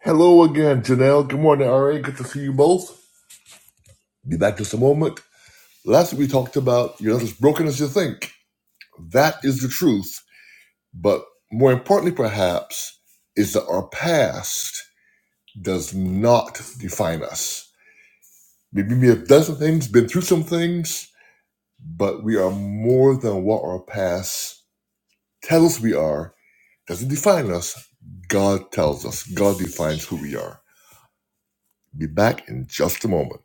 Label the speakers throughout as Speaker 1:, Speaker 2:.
Speaker 1: Hello again, Janelle. Good morning, RA. Good to see you both. Be back just a moment. Last week we talked about you're not as broken as you think. That is the truth. But more importantly, perhaps, is that our past does not define us. Maybe we have done some things, been through some things, but we are more than what our past tells us we are. Doesn't define us. God tells us. God defines who we are. Be back in just a moment.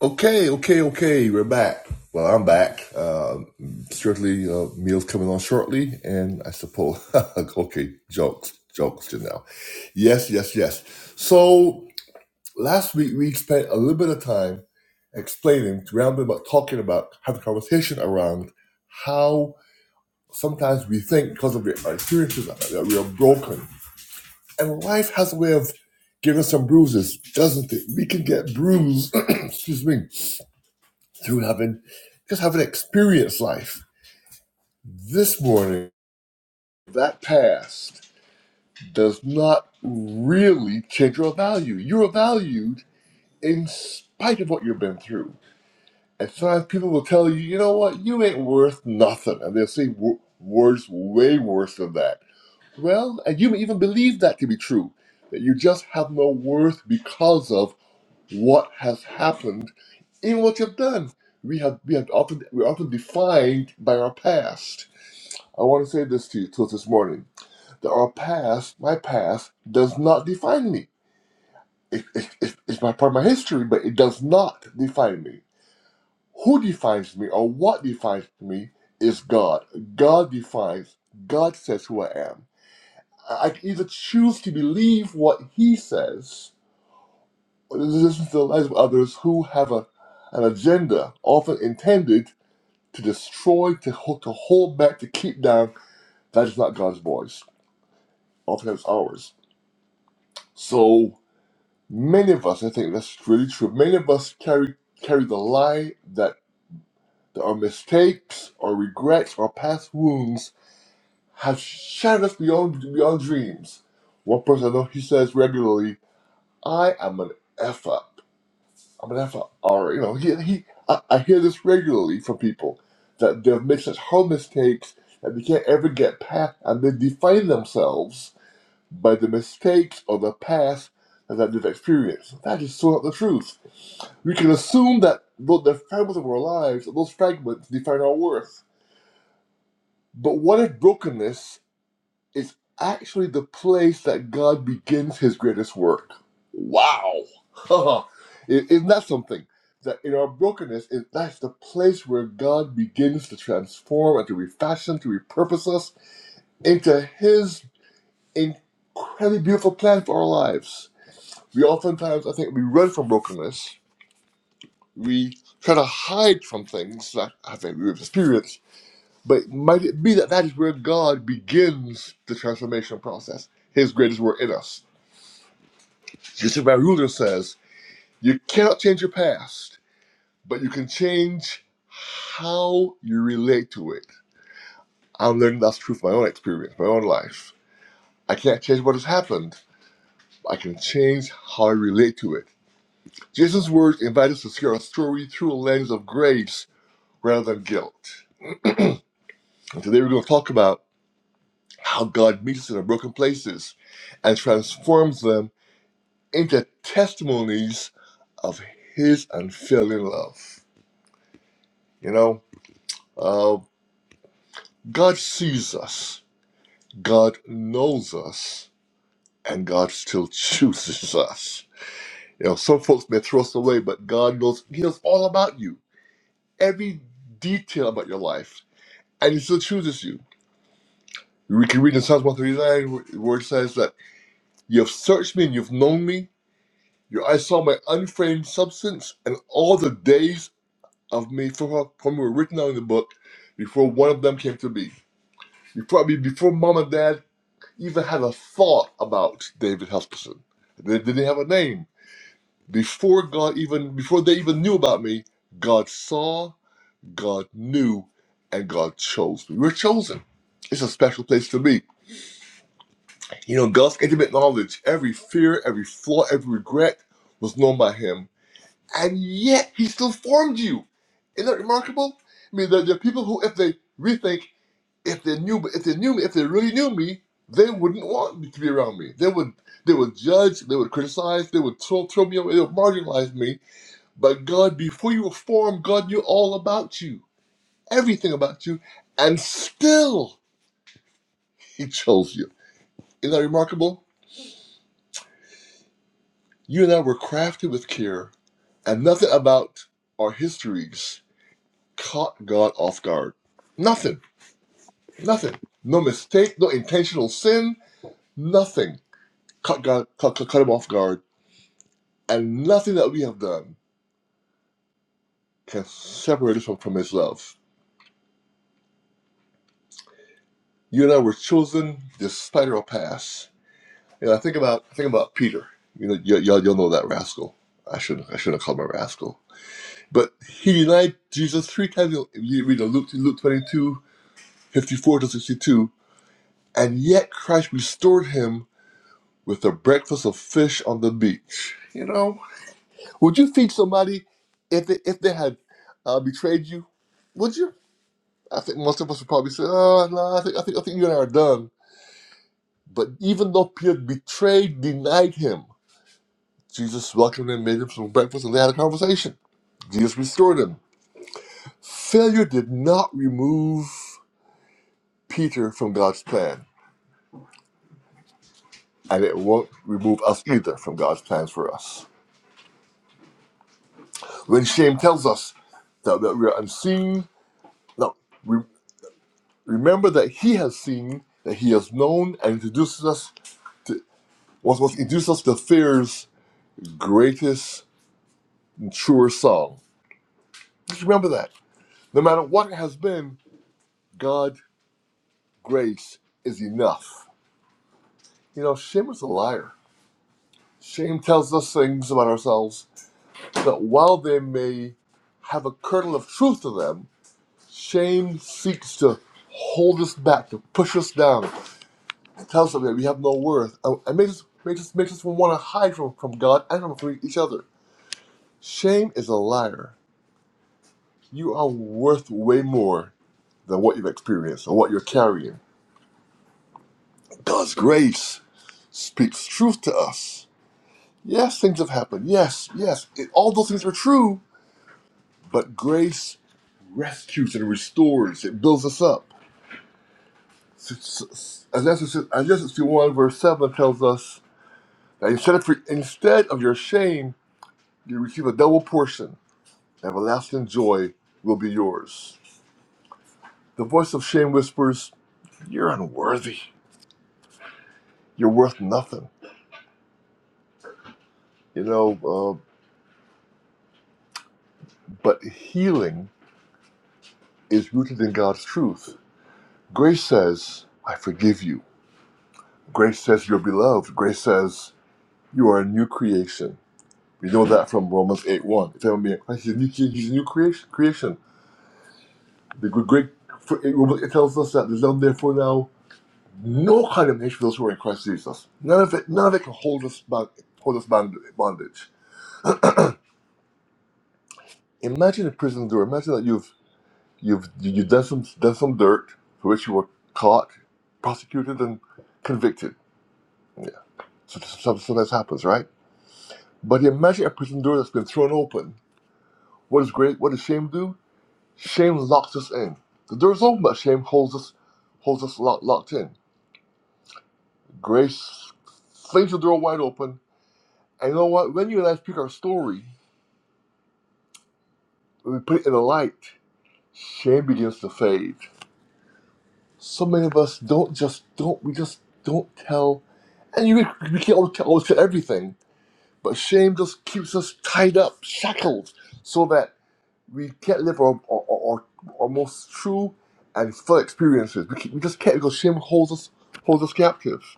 Speaker 1: Okay, okay, okay. We're back. Well, I'm back. Uh, strictly uh, meals coming on shortly, and I suppose okay, jokes, jokes just now. Yes, yes, yes. So last week we spent a little bit of time explaining, rambling about, talking about, having a conversation around how sometimes we think because of our experiences that we are broken, and life has a way of giving us some bruises, doesn't it? We can get bruised. excuse me through having just having experienced life. This morning, that past does not really change your value. You are valued in spite of what you've been through. And sometimes people will tell you, you know what, you ain't worth nothing. And they'll say w- words way worse than that. Well, and you may even believe that to be true, that you just have no worth because of what has happened, even what you've done. We have we have often we're often defined by our past I want to say this to you till this morning that our past, my past, does not define me. It, it, it- it's my part of my history, but it does not define me. Who defines me or what defines me is God. God defines, God says who I am. I I can either choose to believe what He says or to listen to the lies of others who have a, an agenda often intended to destroy, to, ho- to hold back, to keep down. That is not God's voice, often it's ours. So many of us, I think that's really true. Many of us carry carry the lie that our mistakes, our regrets, our past wounds have shattered us beyond beyond dreams. One person I know he says regularly, "I am an f up. I'm an f up." Or you know, he, he I, I hear this regularly from people that they've made such horrible mistakes that they can't ever get past, and they define themselves by the mistakes or the past that they've experienced. That is so not the truth. We can assume that though the fragments of our lives, those fragments define our worth. But what if brokenness is actually the place that God begins his greatest work? Wow! I- Isn't that something? That in our brokenness, is that's the place where God begins to transform and to refashion, to repurpose us into His incredibly beautiful plan for our lives. We oftentimes, I think, we run from brokenness. We try to hide from things that I think we've experienced. But might it be that that is where God begins the transformation process, His greatest work in us? Bishop Van Ruler says, You cannot change your past, but you can change how you relate to it. I'm learning that's true from my own experience, my own life. I can't change what has happened, but I can change how I relate to it. Jesus' words invite us to see our story through a lens of grace rather than guilt. And today we're going to talk about how God meets us in our broken places and transforms them into testimonies of His unfailing love. You know, uh, God sees us, God knows us, and God still chooses us. You know, some folks may throw us away, but God knows He knows all about you, every detail about your life, and He still chooses you. We can read in Psalms 139 where where it says that. You have searched me and you've known me. Your eyes saw my unframed substance, and all the days of me from, from were written down in the book before one of them came to be. Before I mean, before mom and dad even had a thought about David Huskisson. They didn't have a name. Before God even before they even knew about me, God saw, God knew, and God chose me. We are chosen. It's a special place to be. You know, God's intimate knowledge, every fear, every flaw, every regret was known by him and yet he still formed you. Isn't that remarkable? I mean, there, there are people who, if they rethink, if they knew, if they knew me, if they really knew me, they wouldn't want me to be around me. They would, they would judge, they would criticize, they would throw, throw me away, they would marginalize me. But God, before you were formed, God knew all about you, everything about you, and still He chose you. Isn't that remarkable? You and I were crafted with care, and nothing about our histories caught God off guard. Nothing. Nothing. No mistake, no intentional sin, nothing. Cut, God, cut, cut, cut him off guard. And nothing that we have done can separate us from, from his love. You and I were chosen despite our past. And I think about I think about Peter. You know, y- y'all, y'all know that rascal. I shouldn't I shouldn't have called him a rascal. But he denied Jesus three times. You you read in Luke, Luke 22 54 to 62. And yet Christ restored him with a breakfast of fish on the beach. You know? Would you feed somebody if they if they had uh, betrayed you? Would you? I think most of us would probably say, "Oh no, I think I think I think you and I are done." But even though Peter betrayed, denied him, Jesus welcomed him, made him some breakfast, and they had a conversation. Jesus restored him. Failure did not remove Peter from God's plan, and it won't remove us either from God's plans for us. When shame tells us that, that we are unseen, no. Remember that he has seen, that he has known, and introduces us to was was introduces us to fear's greatest and truest song. Just remember that. No matter what it has been, God's grace is enough. You know, shame is a liar. Shame tells us things about ourselves that while they may have a kernel of truth to them, shame seeks to hold us back, to push us down, It tells us that we have no worth. And and makes us, makes us, makes us want to hide from, from God and from each other. Shame is a liar. You are worth way more than what you've experienced or what you're carrying. God's grace speaks truth to us. Yes, things have happened. Yes, yes, it, all those things are true. But grace rescues and restores. It builds us up. S- s- s- Isaiah 61 verse 7 tells us that instead of, instead of your shame, you receive a double portion. Everlasting joy will be yours. The voice of shame whispers, You're unworthy. You're worth nothing. You know, uh, but healing is rooted in God's truth. Grace says, I forgive you. Grace says, You're beloved. Grace says, You are a new creation. We know that from Romans 8 1. If anyone be in Christ, he's a new, he's a new creation, creation. The great, it tells us that there's no therefore now No condemnation for those who are in Christ Jesus. None of it, none of it can hold us back, hold us bond- bondage. Imagine a prison door. Imagine that you've you've you've done some done some dirt for which you were caught, prosecuted, and convicted. Yeah. So, so, so that happens, right? But imagine a prison door that's been thrown open. What is great? What does shame do? Shame locks us in. The door's open, but shame holds us holds us locked locked in. Grace flings the door wide open. And you know what? When you and I speak our story, When we put it in the light, shame begins to fade. So many of us don't just don't we just don't tell, and you we can't always tell, always tell everything. But shame just keeps us tied up, shackled, so that we can't live our our, our, our most true and full experiences. We, can, we just can't because shame holds us holds us captive.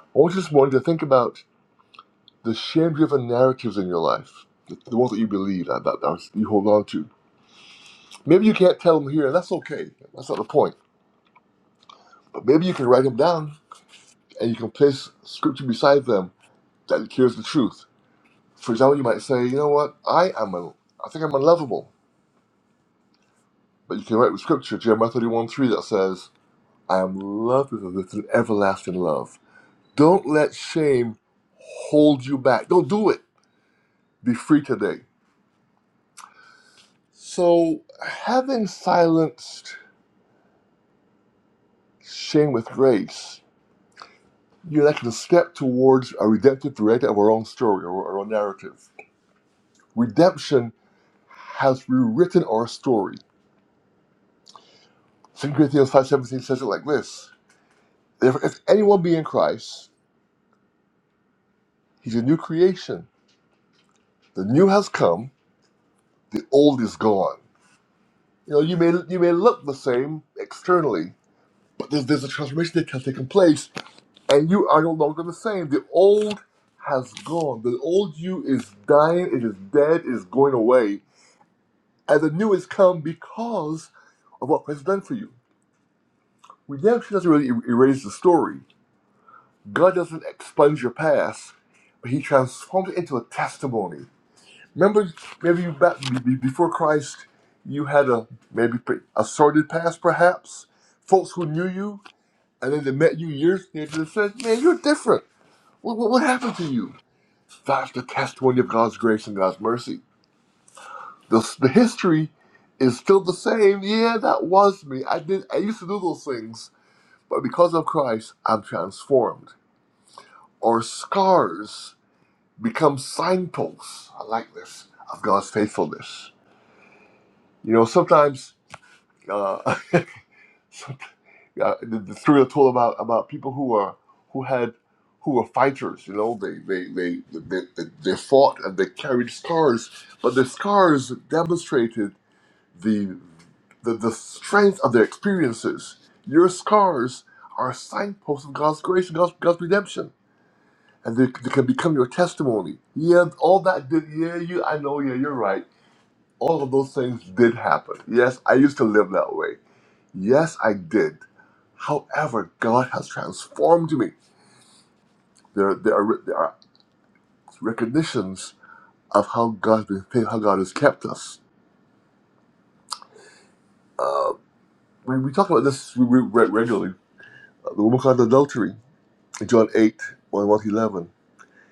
Speaker 1: I want you this morning to think about the shame-driven narratives in your life, the, the ones that you believe that, that, that you hold on to. Maybe you can't tell them here, and that's okay. That's not the point Maybe you can write them down and you can place scripture beside them that cures the truth. For example, you might say, you know what, I am a, I think I'm unlovable. But you can write with scripture, Jeremiah 31 3, that says, I am loved with, with an everlasting love. Don't let shame hold you back. Don't do it. Be free today. So, having silenced shame with grace, you are I can step towards a redemptive director of our own story or our own narrative. Redemption has rewritten our story. Second Corinthians 5.17 says it like this. Therefore, if anyone be in Christ, he's a new creation. The new has come, the old is gone. You know, you may you may look the same externally, but there's, there's a transformation that has taken place, and you are no longer the same. The old has gone. The old you is dying, it is dead, it is going away, and the new has come because of what Christ has done for you. Redemption doesn't really er- erase the story God doesn't expunge your past, but He transforms it into a testimony. Remember, maybe you back be- be- before Christ, you had a maybe pre- a sordid past, perhaps folks who knew you, and then they met you years later and said, "Man, you're different. What, what, what happened to you?" That's the testimony of God's grace and God's mercy. The, the history is still the same. Yeah, that was me. I did. I used to do those things, but because of Christ, I'm transformed. Or scars become signposts. I like this of God's faithfulness. You know, sometimes uh, some- uh, the, the story I told about about people who are who had who were fighters. You know, they they they they, they, they fought and they carried scars, but the scars demonstrated the the, the strength of their experiences. Your scars are signposts of God's grace and God's, God's redemption. And they, they can become your testimony. Yeah, all that did, yeah, you, I know, yeah, you're right all of those things did happen. Yes, I used to live that way. Yes, I did. However, God has transformed me. There, there are there are recognitions of how God has been faithful, how God has kept us. Uh, we, we talk about this we, we read regularly. Uh, The woman caught in adultery, in John 8, 1, one to 11.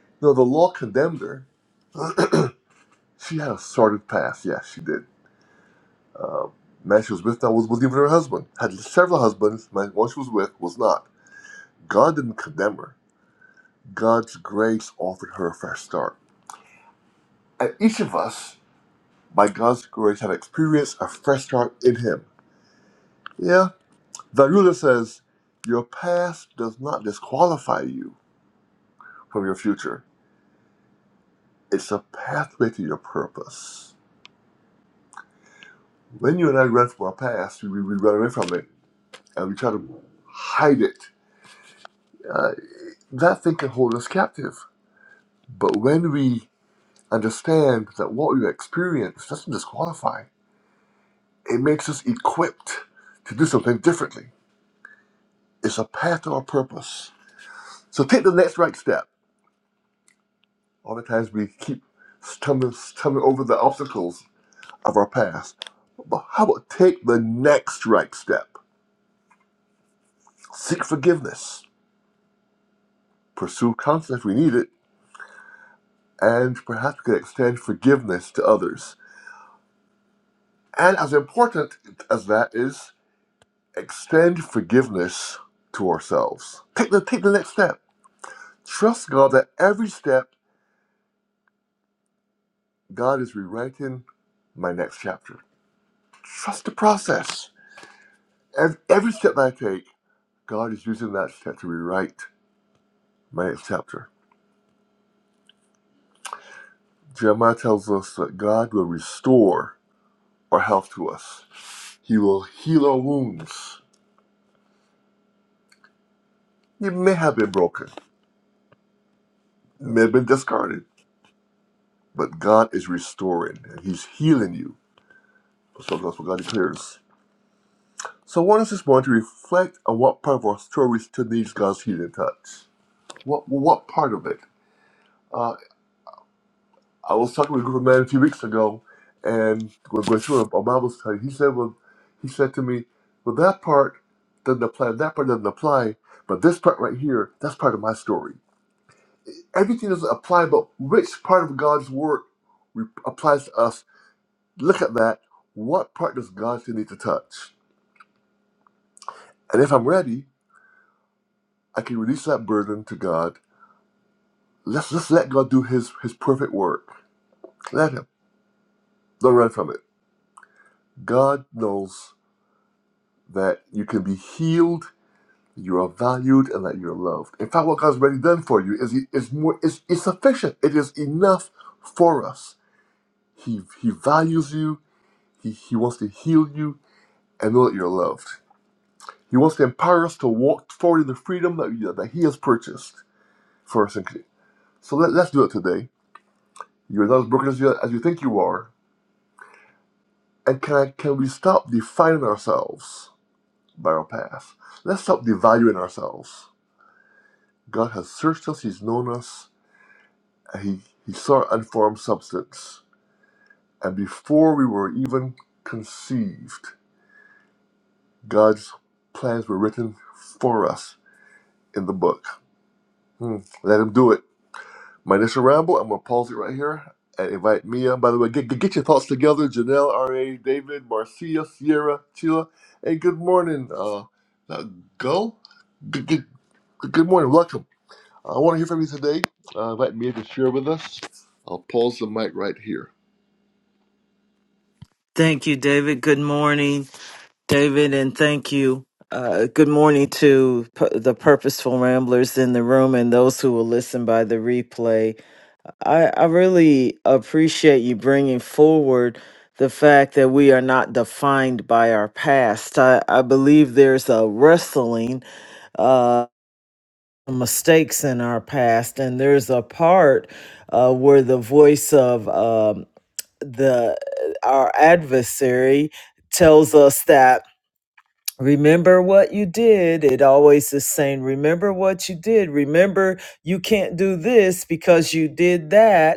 Speaker 1: You know, the law condemned her. she had a sordid past. Yes, she did. Uh, man she was with now was, was even her husband. Had several husbands. Man, one she was with was not. God didn't condemn her. God's grace offered her a fresh start. And each of us, by God's grace, have experienced a fresh start in Him. Yeah? The ruler says, Your past does not disqualify you from your future, it's a pathway to your purpose. When you and I run from our past, we, we run away from it and we try to hide it. Uh, that thing can hold us captive. But when we understand that what we experience doesn't disqualify, it makes us equipped to do something differently It's a path to our purpose. So take the next right step. All the times we keep stumbling, stumbling over the obstacles of our past. But how about take the next right step? Seek forgiveness. Pursue counsel if we need it. And perhaps we can extend forgiveness to others. And as important as that is, extend forgiveness to ourselves. Take the, take the next step. Trust God that every step, God is rewriting my next chapter. Trust the process Ev- Every step I take, God is using that step to rewrite my chapter. Jeremiah tells us that God will restore our health to us. He will heal our wounds. It may have been broken, may have been discarded, but God is restoring and He's healing you. So that's what God declares. So I want us this morning to reflect on what part of our story still needs God's healing touch. What what part of it? Uh, I was talking with a group of men a few weeks ago, and we're going through a a Bible study. He said, "Well, he said to me, well, that part doesn't apply. That part doesn't apply, but this part right here, that's part of my story. Everything doesn't apply, but which part of God's word re- applies to us? Look at that. What part does God still need to touch? And if I'm ready, I can release that burden to God. Let's just let God do His His perfect work. Let Him. Don't run from it. God knows that you can be healed You are valued and that you're loved. In fact, what God's already done for you is is more is, is sufficient. It is enough for us. He He values you. He He wants to heal you and know that you're loved. He wants to empower us to walk forward in the freedom that, that He has purchased for us. in So let, let's do it today. You're not as broken as you, as you think you are. And can I, can we stop defining ourselves by our past? Let's stop devaluing ourselves. God has searched us. He's known us he, he saw unformed substance. And before we were even conceived, God's plans were written for us in the book. Hmm. Let him do it. My initial ramble, I'm going to pause it right here and invite Mia. By the way, get, get your thoughts together. Janelle, R.A., David, Marcia, Sierra, Sheila. Hey, good morning. Uh, now go. Good, good, good morning. Welcome. I want to hear from you today. Uh, invite Mia to share with us. I'll pause the mic right here.
Speaker 2: Thank you, David. Good morning, David, and thank you. Uh, good morning to p- the purposeful ramblers in the room and those who will listen by the replay. I, I really appreciate you bringing forward the fact that we are not defined by our past. I, I believe there's a wrestling uh, mistakes in our past, and there's a part uh, where the voice of um the uh, our adversary tells us that remember what you did it always is saying remember what you did remember you can't do this because you did that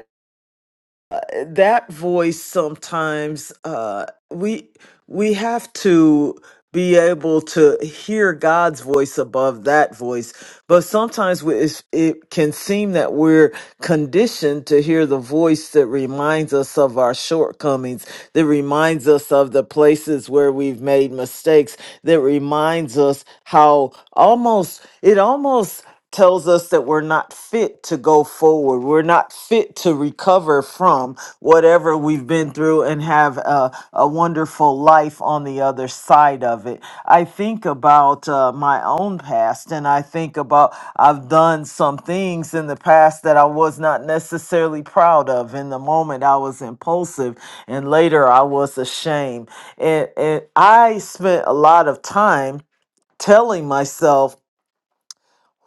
Speaker 2: uh, that voice sometimes uh we we have to be able to hear God's voice above that voice but sometimes we, it's, it can seem that we're conditioned to hear the voice that reminds us of our shortcomings that reminds us of the places where we've made mistakes that reminds us how almost it almost tells us that we're not fit to go forward. We're not fit to recover from whatever we've been through and have a, a wonderful life on the other side of it. I think about uh, my own past and I think about I've done some things in the past that I was not necessarily proud of. In the moment, I was impulsive and later I was ashamed. And, and I spent a lot of time telling myself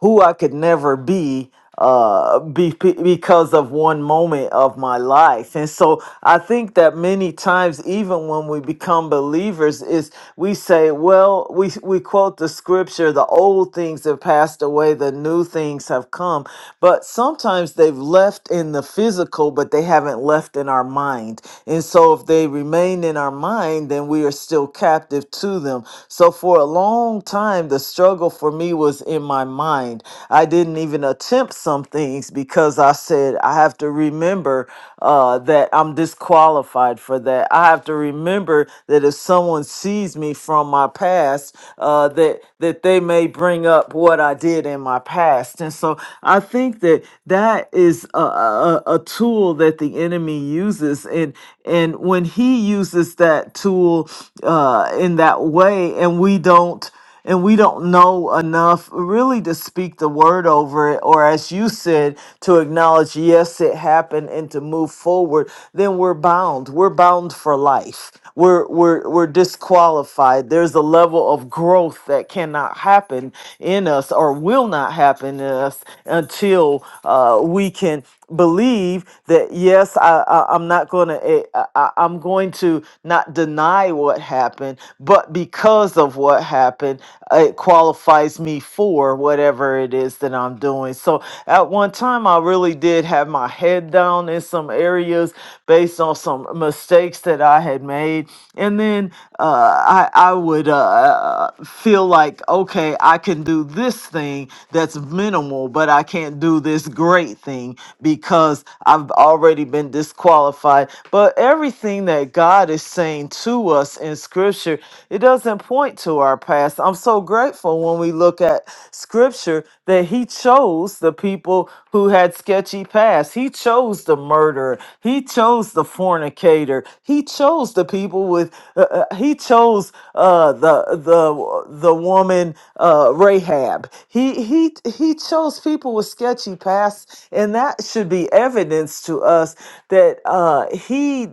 Speaker 2: who I could never be uh be, be- because of one moment of my life and so i think that many times even when we become believers is we say well we we quote the scripture the old things have passed away the new things have come but sometimes they've left in the physical but they haven't left in our mind and so if they remain in our mind then we are still captive to them so for a long time the struggle struggle for me was in my mind. I didn't even attempt some things because I said, I have to remember uh, that I'm disqualified for that. I have to remember that if someone sees me from my past, uh, that, that they may bring up what I did in my past. And so I think that that is a, a, a tool that the enemy uses. And, and when he uses that tool uh, in that way, and we don't and we don't know enough really to speak the word over it or as you said to acknowledge yes it happened and to move forward then we're bound we're bound for life we're we're we're disqualified there's a level of growth that cannot happen in us or will not happen in us until uh, we can believe that yes I, I i'm not going to I, I- i'm going to not deny what happened but because of what happened uh, it qualifies me for whatever it is that i'm doing so at one time i really did have my head down in some areas based on some mistakes that i had made and then uh, I I would uh, feel like okay, I can do this thing that's minimal, but I can't do this great thing because I've already been disqualified. But everything that God is saying to us in Scripture, it doesn't point to our past. I'm so grateful when we look at Scripture that He chose the people who had sketchy past. He chose the murderer. He chose the fornicator. He chose the people with. Uh, uh, he chose uh, the the the woman uh, Rahab. He he he chose people with sketchy pasts, and that should be evidence to us that uh, he.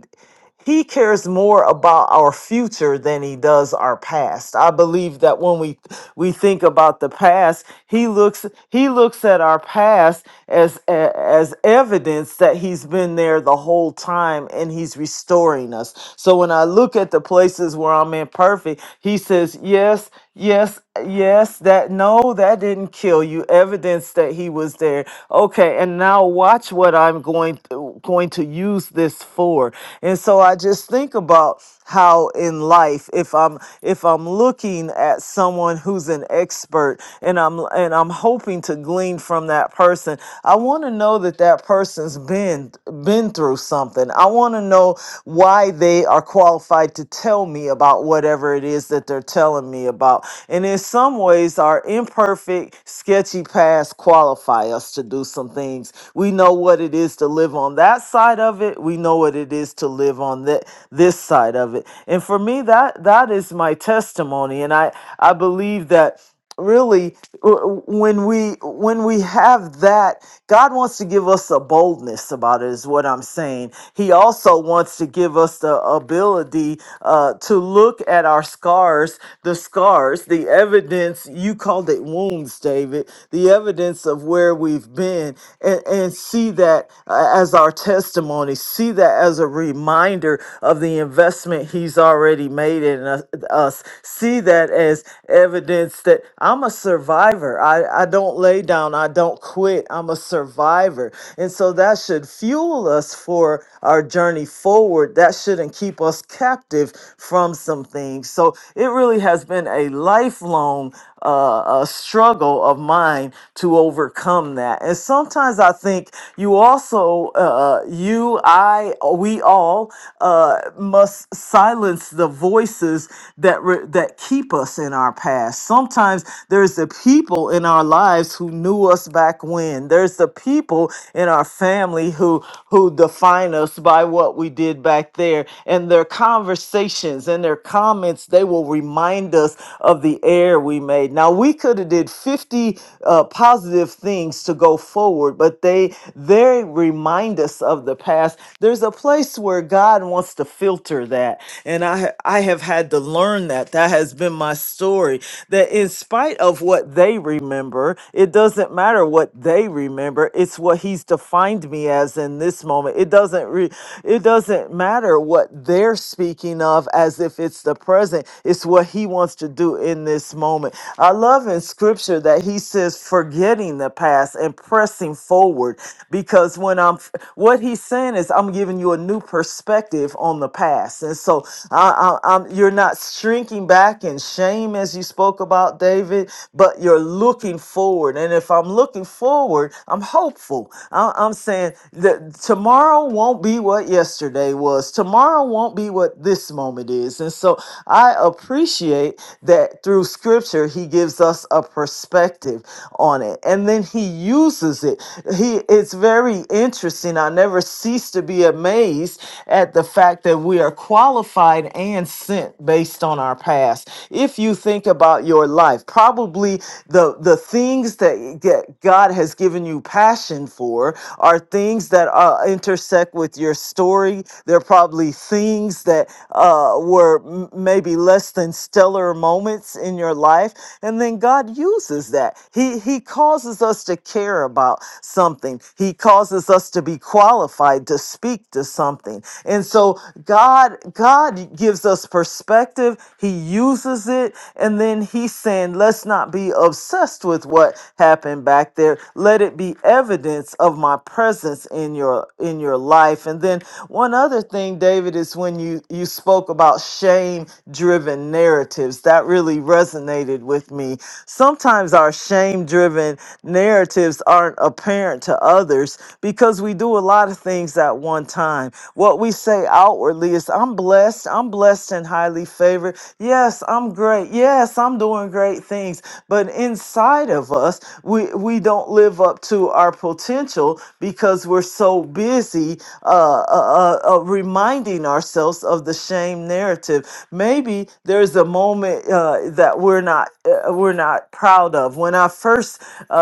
Speaker 2: He cares more about our future than he does our past. I believe that when we we think about the past, he looks he looks at our past as as evidence that he's been there the whole time and he's restoring us. So when I look at the places where I'm imperfect, he says, "Yes, Yes, yes, that no, that didn't kill you. Evidence that he was there. Okay, and now watch what I'm going to, going to use this for. And so I just think about how in life if I'm if I'm looking at someone who's an expert and I'm and I'm hoping to glean from that person, I want to know that that person's been been through something. I want to know why they are qualified to tell me about whatever it is that they're telling me me about. And in some ways, our imperfect, sketchy past qualify us to do some things. We know what it is to live on that side of it. We know what it is to live on that this side of it. And for me, that that is my testimony. And I I believe that really w- when we when we have that god wants to give us a boldness about it is what i'm saying he also wants to give us the ability uh, to look at our scars the scars the evidence you called it wounds david the evidence of where we've been and, and see that uh, as our testimony see that as a reminder of the investment he's already made in us us. see that as evidence that I'm a survivor. I, I don't lay down, I don't quit. I'm a survivor. And so that should fuel us for our journey forward. That shouldn't keep us captive from some things. So it really has been a lifelong uh, uh, struggle of mine to overcome that. And sometimes I think you also, uh, uh, you, I, we all uh, must silence the voices that re- that keep us in our past. Sometimes there's the people in our lives who knew us back when. There's the people in our family who who define us by what we did back there and their conversations and their comments they will remind us of the error we made. Now we could have did 50 uh, positive things to go forward, but they they remind us of the past. There's a place where God wants to filter that and I ha- I have had to learn that that has been my story that in spite of what they remember, it doesn't matter what they remember. It's what he's defined me as in this moment. It doesn't re- it doesn't matter what they're speaking of as if it's the present. It's what he wants to do in this moment. I love in scripture that he says forgetting the past and pressing forward because when I'm f- what he's saying is I'm giving you a new perspective on the past. And so I, I, I'm, you're not shrinking back in shame as you spoke about, David, but you're looking forward. And if I'm looking forward, I'm hopeful. I, I'm saying that tomorrow won't be what yesterday was, tomorrow won't be what this moment is. And so I appreciate that through scripture, he gives us a perspective on it. And then he uses it. He It's very interesting. I never cease to be amazed amazed at the fact that we are qualified and sent based on our past. If you think about your life, probably the the things that get- God has given you passion for are things that uh, intersect with your story. They're probably things that uh, were m- maybe less than stellar moments in your life, and then God uses that. He He causes us to care about something. He causes us to be qualified to speak to something. And so God God gives us perspective, he uses it and then he's saying let's not be obsessed with what happened back there. Let it be evidence of my presence in your in your life. And then one other thing David is when you you spoke about shame driven narratives. That really resonated with me. Sometimes our shame driven narratives aren't apparent to us others because we do a lot of things at one time. What we say outwardly is, I'm blessed, I'm blessed and highly favored. Yes, I'm great. Yes, I'm doing great things. But inside of us, we, we don't live up to our potential because we're so busy uh, uh, uh, uh, reminding ourselves of the shame narrative. Maybe there's a moment uh, that we're not uh, we're not proud of. When I first uh,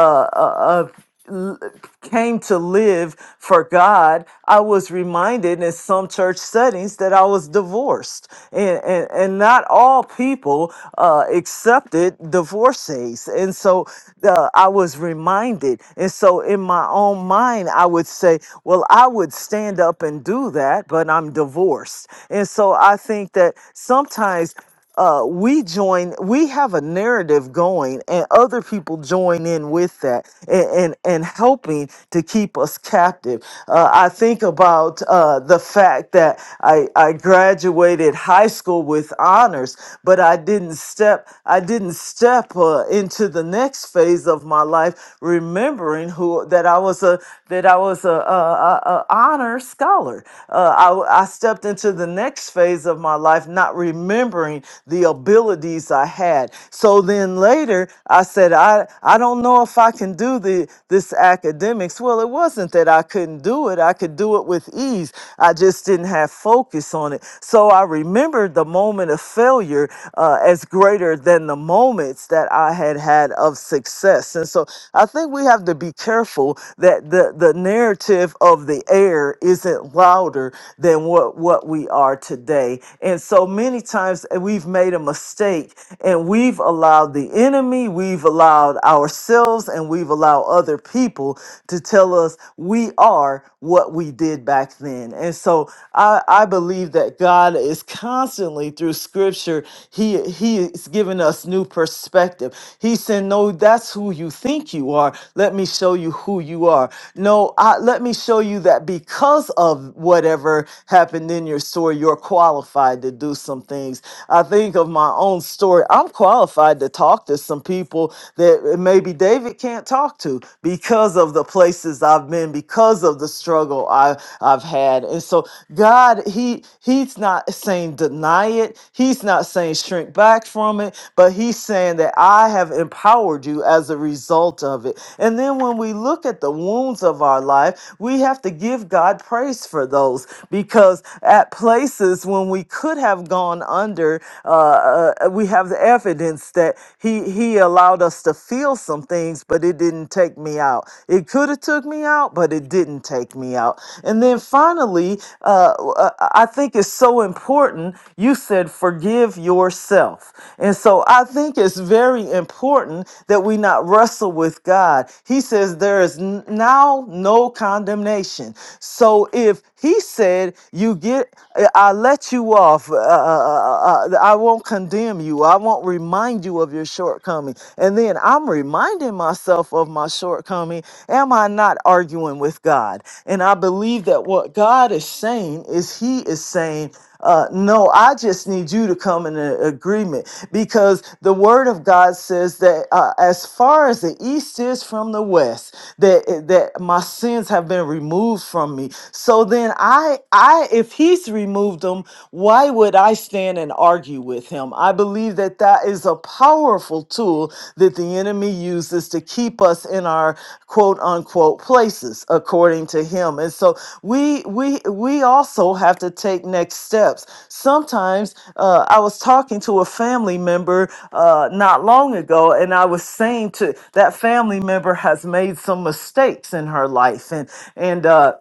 Speaker 2: uh, uh, l- came to live for God, I was reminded in some church settings that I was divorced, and and, and not all people uh, accepted divorcees, and so uh, I was reminded, and so in my own mind, I would say, well, I would stand up and do that, but I'm divorced, and so I think that sometimes uh, we join we have a narrative going and other people join in with that and and, and helping to keep us captive uh, i think about uh, the fact that I, I graduated high school with honors but i didn't step i didn't step uh, into the next phase of my life remembering who that i was a that i was a, a, a a honor scholar uh, I, I stepped into the next phase of my life not remembering remembering the abilities I had. So then later I said, I, I don't know if I can do the this academics. Well, it wasn't that I couldn't do it. I could do it with ease. I just didn't have focus on it. So I remembered the moment of failure uh, as greater than the moments that I had had of success. And so I think we have to be careful that the, the narrative of the air isn't louder than what, what we are today. And so many times uh, we've made a mistake and we've allowed the enemy, we've allowed ourselves, and we've allowed other people to tell us we are what we did back then. And so I, I believe that God is constantly through scripture, He He is giving us new perspective. He said, No, that's who you think you are. Let me show you who you are. No, I, let me show you that because of whatever happened in your story, you're qualified to do some things. I think of my own story. I'm qualified to talk to some people that maybe David can't talk to because of the places I've been, because of the struggle I, I've had. And so God, He He's not saying deny it. He's not saying shrink back from it, but He's saying that I have empowered you as a result of it. And then when we look at the wounds of our life, we have to give God praise for those because at places when we could have gone under. Uh, uh, we have the evidence that he he allowed us to feel some things, but it didn't take me out. It could have took me out, but it didn't take me out. And then finally, uh, uh, I think it's so important. You said forgive yourself, and so I think it's very important that we not wrestle with God. He says there is n- now no condemnation. So if he said, "You get, uh, I let you off. Uh, uh, uh, uh, I won't condemn you. I won't remind you of your shortcoming." And then I'm reminding myself of my shortcoming. Am I not arguing with God? And I believe that what God is saying is He is saying. Uh, no, I just need you to come in a- agreement because the Word of God says that uh, as far as the east is from the west, that eh, that my sins have been removed from me. So then, I I if He's removed them, why would I stand and argue with Him? I believe that that is a powerful tool that the enemy uses to keep us in our quote unquote places according to him. And so we we we also have to take next steps. Sometimes uh, I was talking to a family member uh, not long ago, and I was saying to that family member has made some mistakes in her life, and and uh,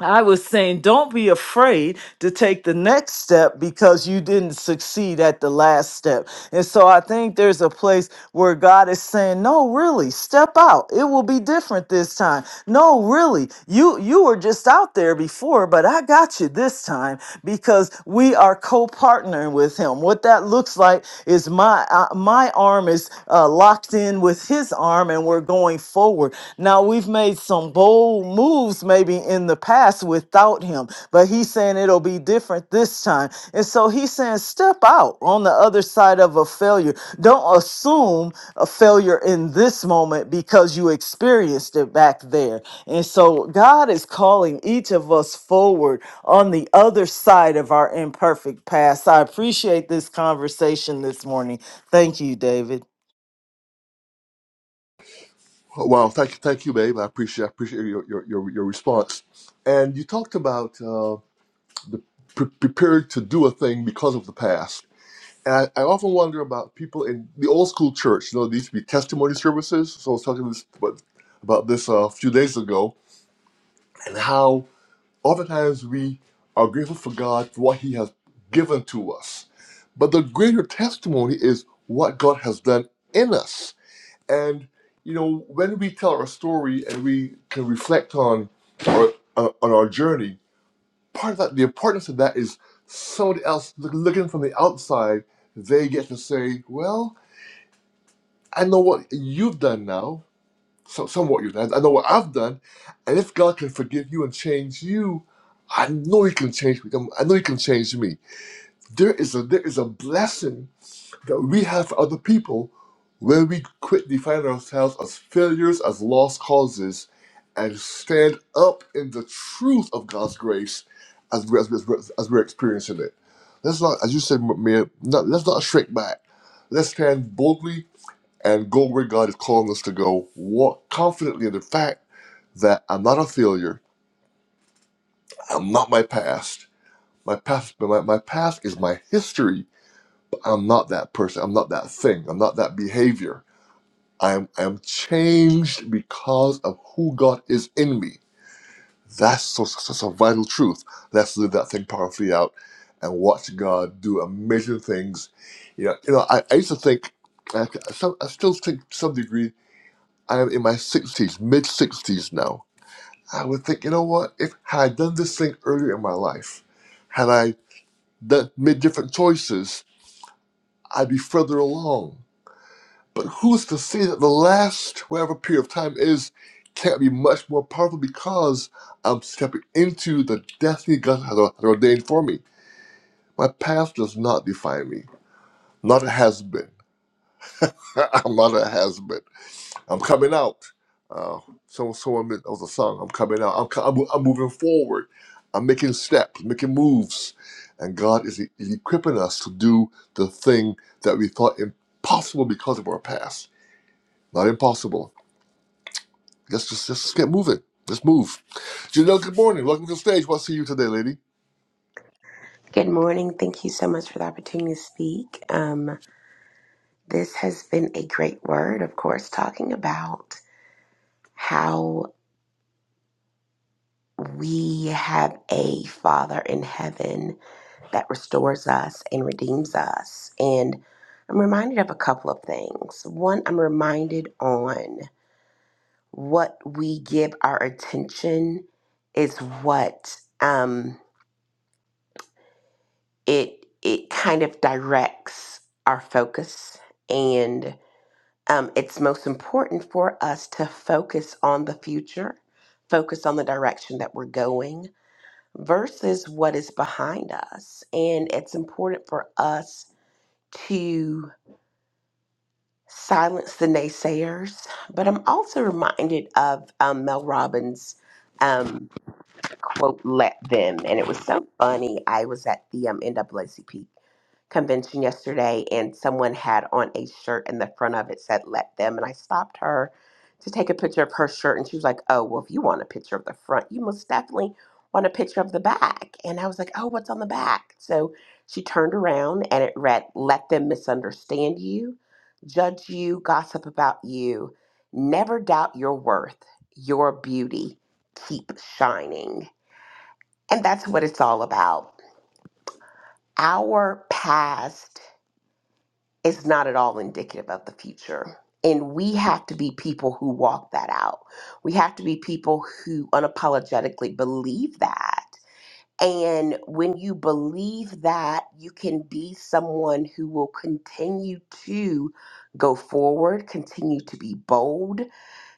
Speaker 2: I was saying, don't be afraid to take the next step because you didn't succeed at the last step. And so I think there's a place where God is saying, no, really, step out. It will be different this time. No, really, you you were just out there before, but I got you this time because we are co-partnering with Him. What that looks like is my uh, my arm is uh, locked in with his arm and we're going forward now we've made some bold moves maybe in the past without him but he's saying it'll be different this time and so he's saying step out on the other side of a failure don't assume a failure in this moment because you experienced it back there and so god is calling each of us forward on the other side of our imperfect past. I appreciate this conversation this morning. Thank you, David.
Speaker 1: Oh, Wow, thank you, thank you, babe. I appreciate I appreciate your your your, your response. And you talked about uh, the pre- prepared to do a thing because of the past. And I, I often wonder about people in the old school church. You know, there used to be testimony services. So I was talking this, about, about this uh, a few days ago, and how oftentimes we are grateful for God for what He has given to us, but the greater testimony is what God has done in us and you know, when we tell our story and we can reflect on our uh, on our journey, part of that, the importance of that is somebody else look, looking from the outside. They get to say, "Well, I know what you've done now, so somewhat you've done. I know what I've done, and if God can forgive you and change you." I know He can change me. I know He can change me. There is a there is a blessing that we have for other people when we quit defining ourselves as failures, as lost causes, and stand up in the truth of God's grace as we're, as we're, as we're experiencing it. Let's not, as you said, Mayor, not, let's not shrink back. Let's stand boldly and go where God is calling us to go. Walk confidently in the fact that I'm not a failure. I'm not my past. My past, my, my past is my history. But I'm not that person. I'm not that thing. I'm not that behavior I am, I am changed because of who God is in me. That's so, so, so vital truth. Let's live that thing powerfully out and watch God do amazing things. You know, you know I, I used to think, I, some, I still think to some degree, I am in my 60s, mid 60s now. I would think, you know what, if had I done this thing earlier in my life, had I done, made different choices, I'd be further along. But who's to say that the last whatever period of time is can't be much more powerful because I'm stepping into the destiny God has has ordained for me. My past does not define me. Not a has been. I'm not a has been. I'm coming out. Uh, someone, someone made- that was a song. I'm coming out. I'm, co- I'm, I'm moving forward. I'm making steps, making moves, and God is, e-, is equipping us to do the thing that we thought impossible because of our past. Not impossible Let's just let's just get moving. Let's move. Janelle, good morning. Welcome to the stage. What see you today, lady?
Speaker 3: Good morning. Thank you so much for the opportunity to speak. Um, this has been a great word, of course, talking about how we have a Father in heaven that restores us and redeems us. And I'm reminded of a couple of things. One, I'm reminded on what we give our attention is what um, it it kind of directs our focus and um, it's most important for us to focus on the future, focus on the direction that we're going versus what is behind us. And it's important for us to silence the naysayers. But I'm also reminded of um, Mel Robbins' um, quote, let them. And it was so funny. I was at the um, NAACP convention yesterday and someone had on a shirt and the front of it said let them and I stopped her to take a picture of her shirt and she was like, "Oh, well if you want a picture of the front, you most definitely want a picture of the back." And I was like, "Oh, what's on the back?" So she turned around and it read, "Let them misunderstand you, judge you, gossip about you, never doubt your worth, your beauty, keep shining." And that's what it's all about. Our past is not at all indicative of the future. And we have to be people who walk that out. We have to be people who unapologetically believe that. And when you believe that, you can be someone who will continue to go forward, continue to be bold,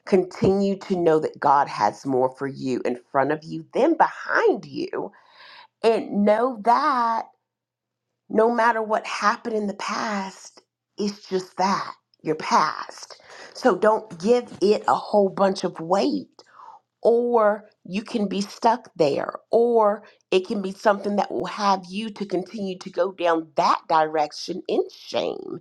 Speaker 3: continue to know that God has more for you in front of you than behind you. And know that no matter what happened in the past, it's just that your past. So don't give it a whole bunch of weight or you can be stuck there, or it can be something that will have you to continue to go down that direction in shame.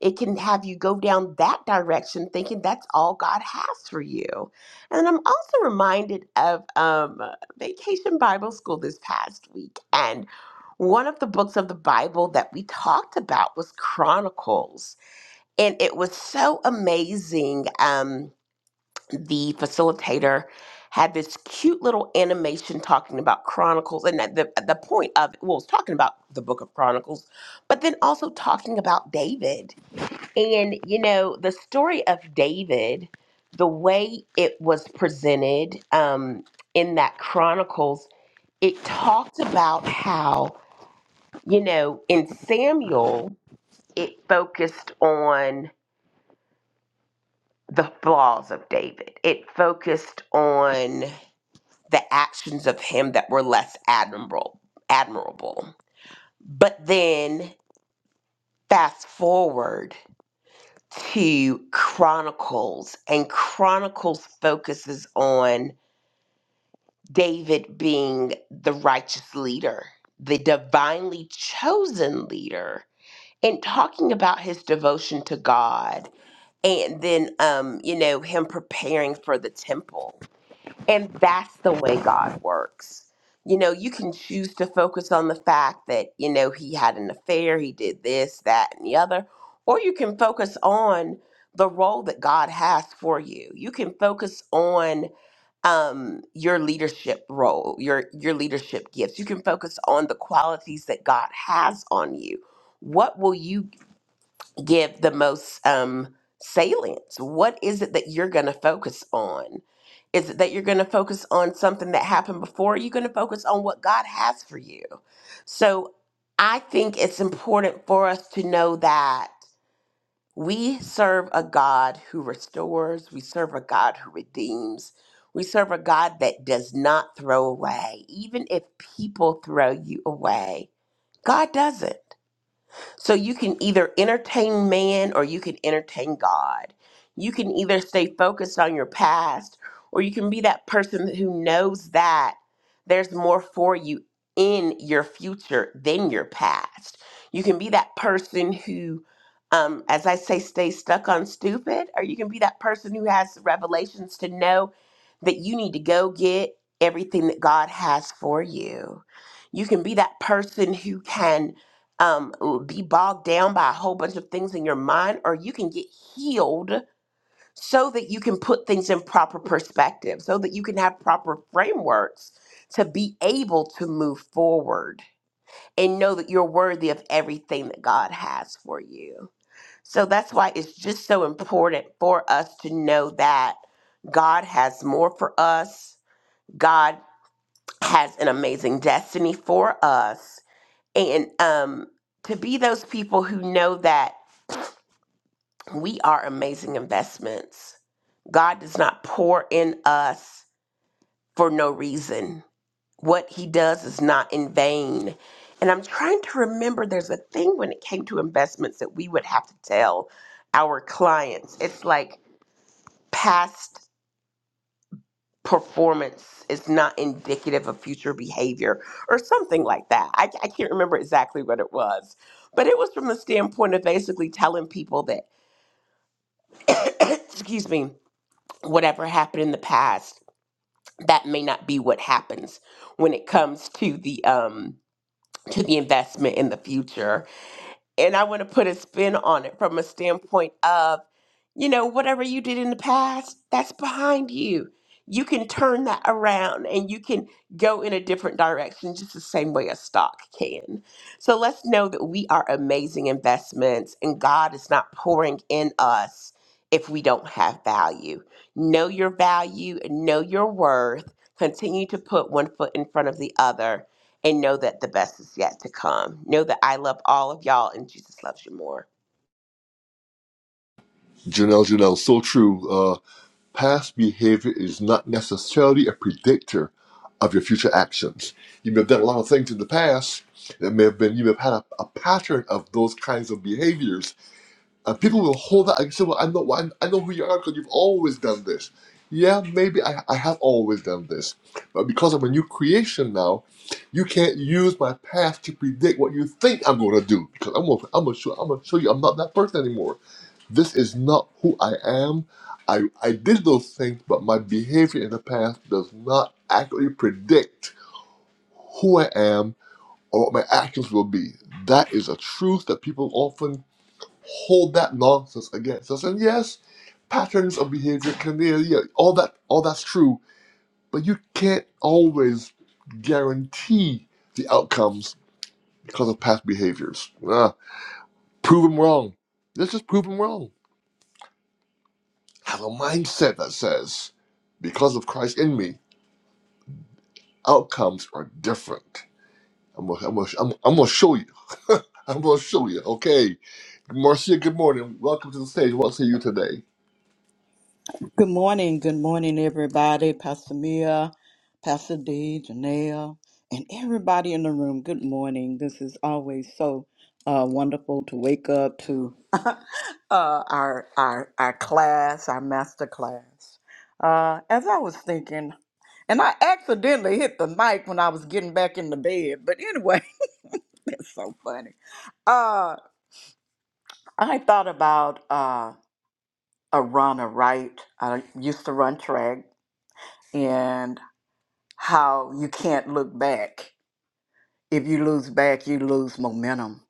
Speaker 3: It can have you go down that direction thinking that's all God has for you. And I'm also reminded of um, Vacation Bible School this past week. And one of the books of the Bible that we talked about was Chronicles. And it was so amazing. Um, the facilitator had this cute little animation talking about Chronicles, and at the at the point of well, it was talking about the Book of Chronicles, but then also talking about David, and you know the story of David, the way it was presented um, in that Chronicles, it talked about how you know in Samuel it focused on the flaws of David, it focused on the actions of him that were less admirable admirable but then fast forward to chronicles and chronicles focuses on david being the righteous leader the divinely chosen leader and talking about his devotion to god and then um you know him preparing for the temple And that's the way God works. You know, you can choose to focus on the fact that, you know, he had an affair, he did this, that, and the other, or you can focus on the role that God has for you. You can focus on um your leadership role, your your leadership gifts. You can focus on the qualities that God has on you. What will you give the most um, salience? What is it that you're going to focus on? Is it that you're going to focus on something that happened before? Are you going to focus on what God has for you? So I think it's important for us to know that we serve a God who restores, we serve a God who redeems, we serve a God that does not throw away. Even if people throw you away, God doesn't. So you can either entertain man or you can entertain God. You can either stay focused on your past or you can be that person who knows that there's more for you in your future than your past. You can be that person who, um, as I say, stays stuck on stupid, or you can be that person who has the revelations to know that you need to go get everything that God has for you. You can be that person who can um, be bogged down by a whole bunch of things in your mind, or you can get healed so that you can put things in proper perspective, so that you can have proper frameworks to be able to move forward and know that you're worthy of everything that God has for you. So that's why it's just so important for us to know that God has more for us, God has an amazing destiny for us and um, to be those people who know that we are amazing investments. God does not pour in us for no reason. What he does is not in vain. And I'm trying to remember there's a thing when it came to investments that we would have to tell our clients. It's like past. performance is not indicative of future behavior or something like that. I, I can't remember exactly what it was, but it was from the standpoint of basically telling people that, excuse me, whatever happened in the past, that may not be what happens when it comes to the um to the investment in the future and I want to put a spin on it from a standpoint of, you know, whatever you did in the past, that's behind you. You can turn that around and you can go in a different direction, just the same way a stock can. So let's know that we are amazing investments and God is not pouring in us if we don't have value. Know your value, know your worth, continue to put one foot in front of the other and know that the best is yet to come. Know that I love all of y'all and Jesus loves you more.
Speaker 1: Janelle, Janelle, so true. Uh, past behavior is not necessarily a predictor of your future actions. You may have done a lot of things in the past that may have been you may have had a, a pattern of those kinds of behaviors And people will hold that and say, "Well, I know, I I know who you are because you've always done this." Yeah, maybe I, I have always done this, but because I'm a new creation now, you can't use my past to predict what you think I'm going to do. Because I'm gonna, I'm gonna show, I'm gonna show you I'm not that person anymore. This is not who I am. I I did those things, but my behavior in the past does not accurately predict who I am or what my actions will be. That is a truth that people often hold that nonsense against us. And yes, patterns of behavior can be yeah, all that all that's true, but you can't always guarantee the outcomes because of past behaviors. Ah, prove them wrong. Let's just prove them wrong. Have a mindset that says, because of Christ in me, outcomes are different. I'm gonna, I'm gonna, I'm, I'm gonna show you. I'm gonna show you. Okay, Marcia. Good morning. Welcome to the stage. What say you today?
Speaker 4: Good morning, good morning, everybody. Pastor Mia, Pastor D, Janelle, and everybody in the room. Good morning. This is always so uh, wonderful to wake up to uh, our our our class, our master class. Uh, as I was thinking, and I accidentally hit the mic when I was getting back in the bed. But anyway, that's so funny. Uh, I thought about uh, a runner, right? I used to run track and how you can't look back. If you lose back, you lose momentum,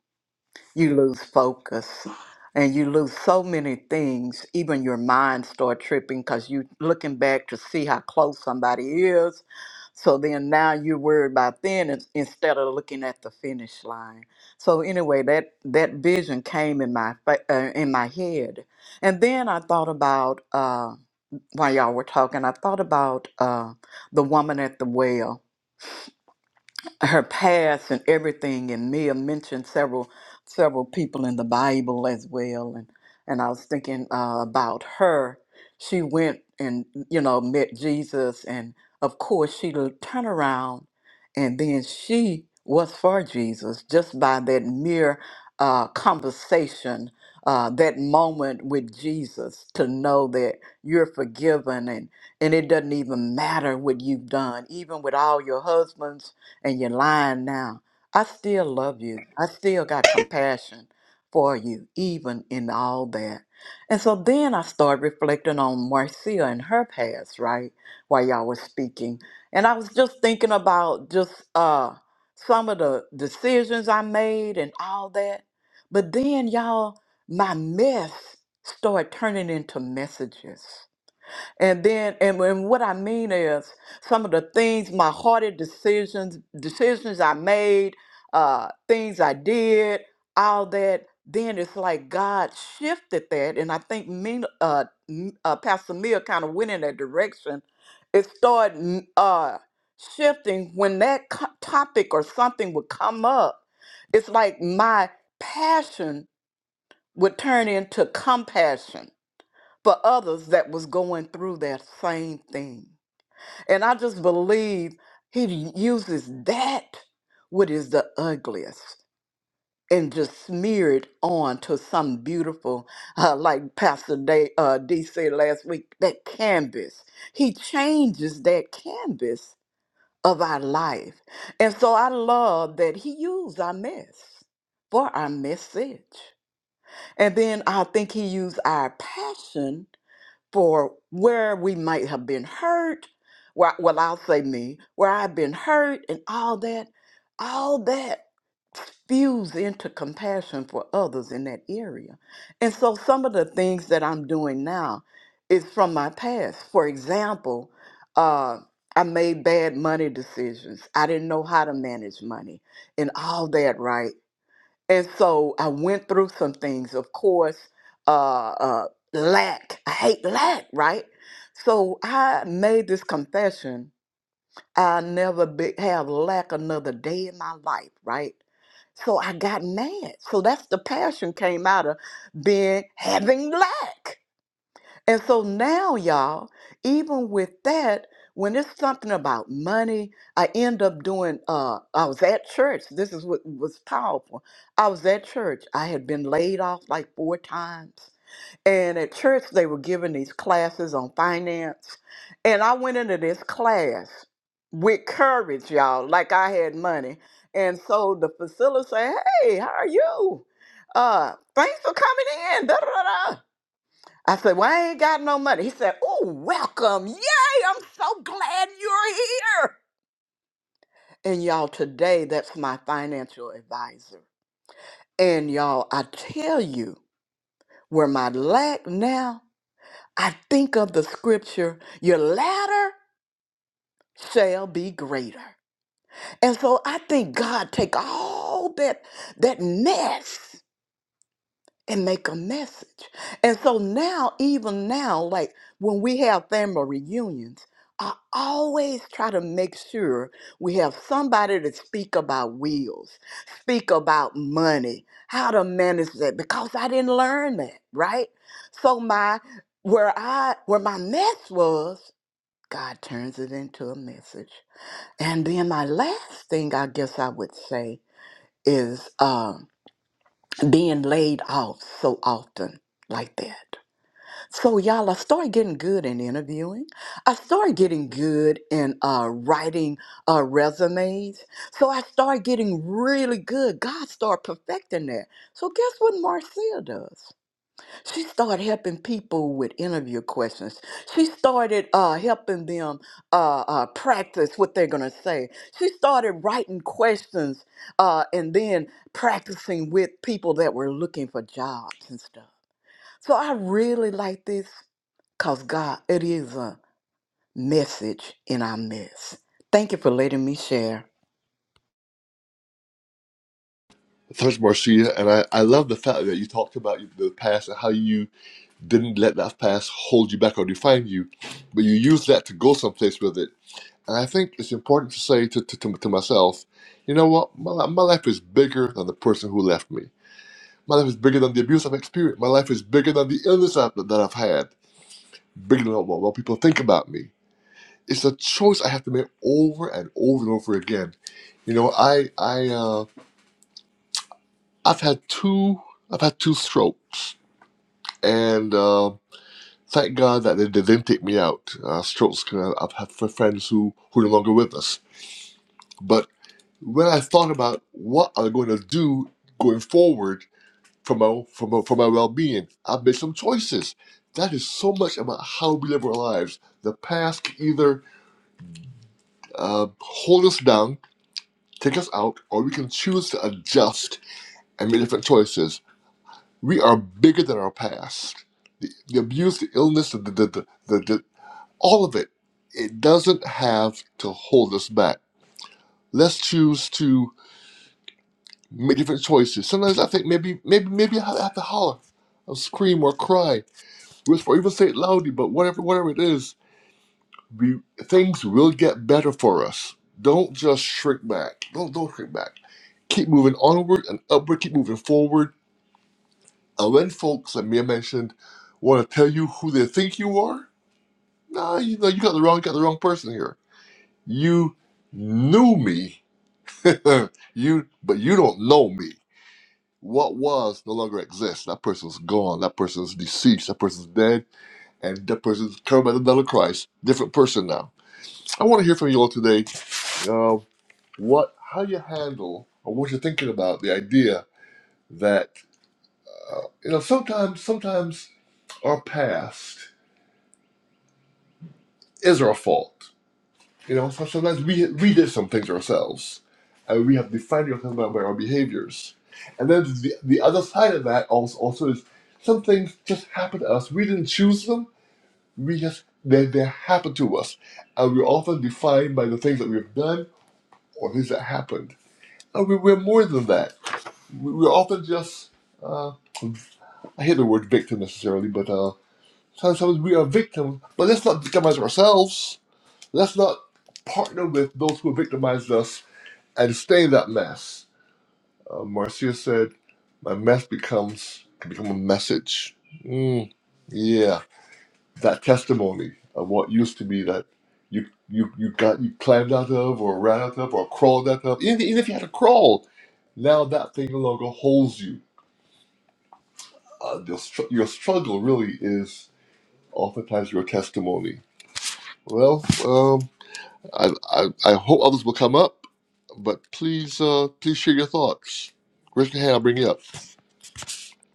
Speaker 4: you lose focus, and you lose so many things. Even your mind start tripping because you looking back to see how close somebody is. So then now you're worried about then ins- instead of looking at the finish line. So anyway, that that vision came in my fa- uh, in my head, and then I thought about uh, while y'all were talking, I thought about uh, the woman at the well her past and everything and Mia mentioned several several people in the Bible as well and and I was thinking uh, about her she went and you know met Jesus and of course she l- turned around and then she was for Jesus just by that mere uh, conversation uh, that moment with Jesus to know that you're forgiven and and it doesn't even matter what you've done even with all your husbands and you're lying now. I still love you. I still got compassion for you, even in all that. And so then I started reflecting on Marcia and her past, right? While y'all was speaking. And I was just thinking about just uh some of the decisions I made and all that. But then y'all, my mess started turning into messages and then, and, and what I mean is some of the things, my hearted decisions, decisions I made, uh, things I did, all that. Then it's like God shifted that, and I think Mina, uh, M- uh, Pastor Mia kind of went in that direction. It started mm, uh, shifting when that co- topic or something would come up. It's like my passion would turn into compassion for others that was going through that same thing. And I just believe he uses that, what is the ugliest, and just smear it on to some beautiful, uh, like Pastor Day, uh, D said last week, that canvas. He changes that canvas of our life. And so I love that he used our mess for our message. And then I think he used our passion for where we might have been hurt. Where, well, I'll say me, where I've been hurt and all that, all that spews into compassion for others in that area. And so some of the things that I'm doing now is from my past. For example, uh, I made bad money decisions. I didn't know how to manage money and all that, right? and so I went through some things. Of course, uh, uh, lack. I hate lack, right? So I made this confession. I never be, have lack another day in my life, right? So I got mad. So that's the passion came out of being having lack. And so now, y'all, even with that, when it's something about money, I end up doing. Uh, I was at church. This is what was powerful. I was at church. I had been laid off like four times, and at church they were giving these classes on finance, and I went into this class with courage, y'all, like I had money. And so the facilitator said, "Hey, how are you? Uh, thanks for coming in." Da, da, da, da. I said, Well, I ain't got no money. He said, Oh, welcome. Yay, I'm so glad you're here. And y'all, today that's my financial advisor. And y'all, I tell you, where my lack now, I think of the scripture, your latter shall be greater. And so I think God take all that that mess and make a message. And so now, even now, like when we have family reunions, I always try to make sure we have somebody to speak about wills, speak about money, how to manage that, because I didn't learn that, right? So my where I where my mess was, God turns it into a message. And then my last thing I guess I would say is um being laid out so often like that. So, y'all, I started getting good in interviewing. I started getting good in uh, writing uh, resumes. So, I started getting really good. God started perfecting that. So, guess what Marcia does? She started helping people with interview questions. She started uh, helping them uh, uh, practice what they're going to say. She started writing questions uh, and then practicing with people that were looking for jobs and stuff. So I really like this because, God, it is a message in our midst. Thank you for letting me share.
Speaker 1: Thanks, Marcia. And I, I love the fact that you talked about the past and how you didn't let that past hold you back or define you, but you used that to go someplace with it. And I think it's important to say to, to, to, to myself, you know what? My, li- my life is bigger than the person who left me. My life is bigger than the abuse I've experienced. My life is bigger than the illness I've, that I've had, bigger than what, what people think about me. It's a choice I have to make over and over and over again. You know, I, I, uh, I've had two, I've had two strokes and uh, thank God that they, they didn't take me out. Uh, strokes, cause I've had f- friends who who are no longer with us. But when I thought about what I'm going to do going forward for my for my, for my well being, I've made some choices. That is so much about how we live our lives. The past can either uh, hold us down, take us out, or we can choose to adjust and make different choices. We are bigger than our past. The, the abuse, the illness, the, the, the, the, all of it. It doesn't have to hold us back. Let's choose to make different choices. Sometimes I think maybe maybe maybe I have to holler, or scream, or cry, whisper, or even say it loudly. But whatever whatever it is, we things will get better for us. Don't just shrink back. Don't don't shrink back. Keep moving onward and upward. Keep moving forward. And when folks, like Mia mentioned, want to tell you who they think you are, nah, you know you got the wrong you got the wrong person here. You knew me you, but you don't know me. What was no longer exists. That person's gone. That person's deceased. That person's dead, and that person's covered by the blood of Christ. Different person now. I want to hear from you all today. Uh, what, how you handle, or what you're thinking about the idea that uh, you know sometimes, sometimes our past is our fault. You know, so sometimes we we did some things ourselves, and we have defined ourselves by, by our behaviors. And then the, the other side of that also also is some things just happen to us. We didn't choose them. We just they they happened to us, and we're often defined by the things that we've done or things that happened. And we, we're more than that. We- We're often just uh, I hate the word victim necessarily, but uh, sometimes we are victims. But let's not victimize ourselves. Let's not partner with those who victimized us and stay in that mess. Uh, Marcia said, "My mess becomes can become a message." Mm, yeah, that testimony of what used to be that you you you got you climbed out of or ran out of or crawled out of. Even, even if you had to crawl, now that thing no longer holds you. Uh, your, str- your struggle really is oftentimes your testimony. Well, um, I, I I hope others will come up, but please uh, please share your thoughts. Raise your hand. I'll bring you up.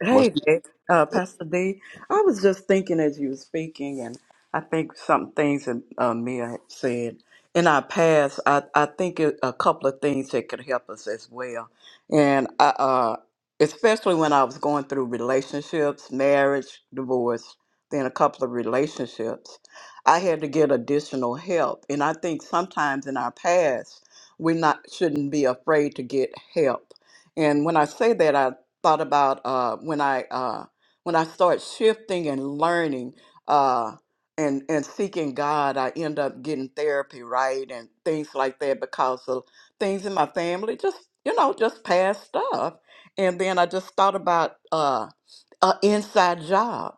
Speaker 4: Hey,
Speaker 1: Marcia.
Speaker 4: Dave. Uh, Pastor D. I was just thinking as you were speaking, and I think some things that uh, Mia had said in our past. I, I think it, a couple of things that could help us as well, and I, uh, especially when I was going through relationships, marriage, divorce, then a couple of relationships, I had to get additional help. And I think sometimes in our past, we not shouldn't be afraid to get help. And when I say that, thought about uh, when I uh, when I start shifting and learning uh, and and seeking God, I end up getting therapy, right, and things like that because of things in my family, just you know, just past stuff. And then I just thought about uh, an inside job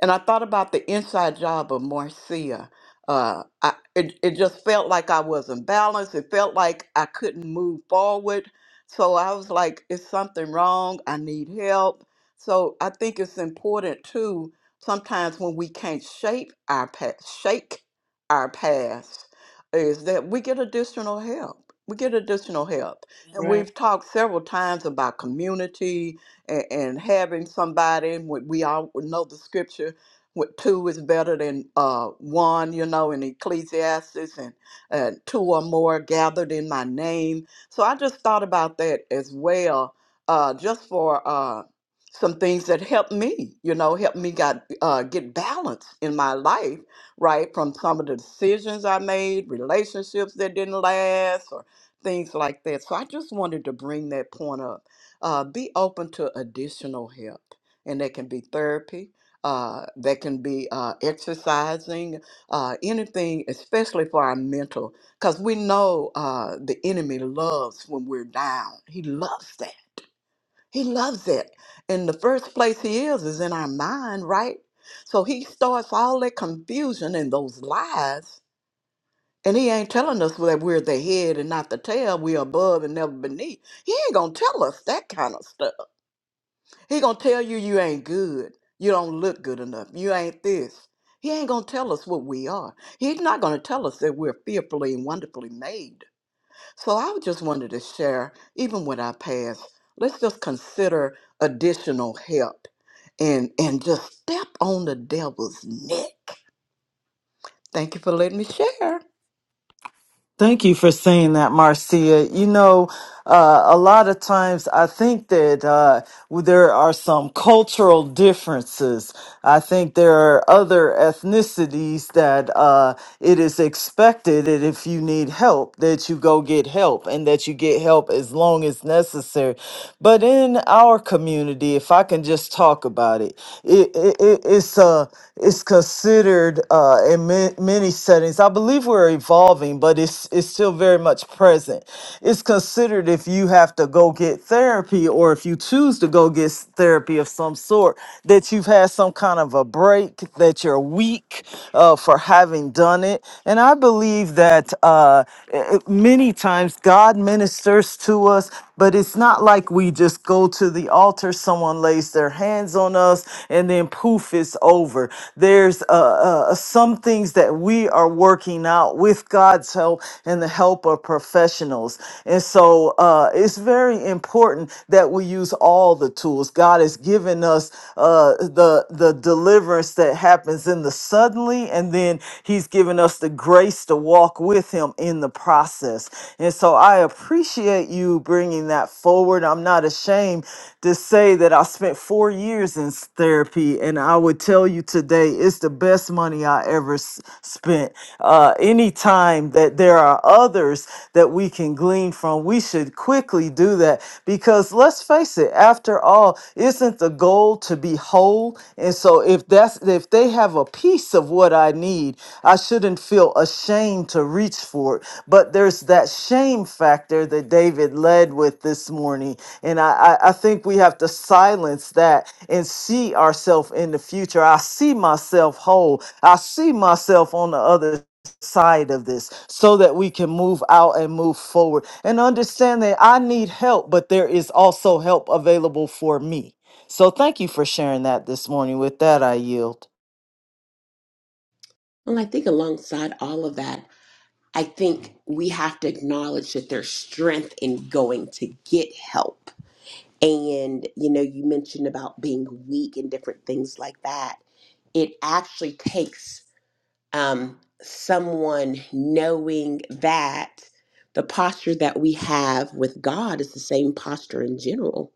Speaker 4: and I thought about the inside job of Marcia. Uh, I, it, it just felt like I wasn't balanced. It felt like I couldn't move forward. So I was like, is something wrong? I need help. So I think it's important too, sometimes when we can't shape our past, shake our past, is that we get additional help. We get additional help. And
Speaker 3: Right.
Speaker 4: we've talked several times about community, and, and having somebody when we all know the scripture what two is better than uh, one you know in ecclesiastes and uh, two or more gathered in my name so i just thought about that as well uh, just for uh, some things that helped me you know helped me got, uh, get balance in my life right from some of the decisions i made relationships that didn't last or things like that so i just wanted to bring that point up uh, be open to additional help. And that can be therapy, uh, that can be uh, exercising, uh, anything, especially for our mental, because we know uh, the enemy loves when we're down. He loves that. He loves it. And the first place he is is in our mind, right? So he starts all that confusion and those lies. And he ain't telling us that we're the head and not the tail, we're above and never beneath. He ain't gonna tell us that kind of stuff. He gonna tell you you ain't good. You don't look good enough. You ain't this. He ain't gonna tell us what we are. He's not gonna tell us that we're fearfully and wonderfully made. So I just wanted to share, even when I pass, let's just consider additional help and and just step on the devil's neck. Thank you for letting me share.
Speaker 2: Thank you for saying that, Marcia. You know, uh, a lot of times I think that uh, there are some cultural differences. I think there are other ethnicities that uh, it is expected that if you need help, that you go get help and that you get help as long as necessary. But in our community, if I can just talk about it, it, it, it it's a uh, considered uh, in ma- many settings. I believe we're evolving, but it's it's still very much present. It's considered if you have to go get therapy or if you choose to go get s- therapy of some sort that you've had some kind of a break, that you're weak uh, for having done it. And I believe that uh, eh, eh, many times God ministers to us. But it's not like we just go to the altar, someone lays their hands on us, and then poof, it's over. There's uh, uh, some things that we are working out with God's help and the help of professionals. And so uh, it's very important that we use all the tools. God has given us uh, the, the deliverance that happens in the suddenly, and then He's given us the grace to walk with Him in the process. And so I appreciate you bringing that forward. I'm not ashamed to say that I spent four years in s- therapy, and I would tell you today it's the best money I ever s- spent. Uh, anytime that there are others that we can glean from, we should quickly do that because let's face it, after all, isn't the goal to be whole? And so if that's if they have a piece of what I need, I shouldn't feel ashamed to reach for it but there's that shame factor that David led with this morning. And I, I, I think we have to silence that and see ourselves in the future. I see myself whole. I see myself on the other side of this so that we can move out and move forward and understand that I need help, but there is also help available for me. So thank you for sharing that this morning. With that, I yield.
Speaker 3: Well, I think alongside all of that, I think we have to acknowledge that there's strength in going to get help. And, you know, you mentioned about being weak and different things like that. It actually takes um, someone knowing that the posture that we have with God is the same posture in general,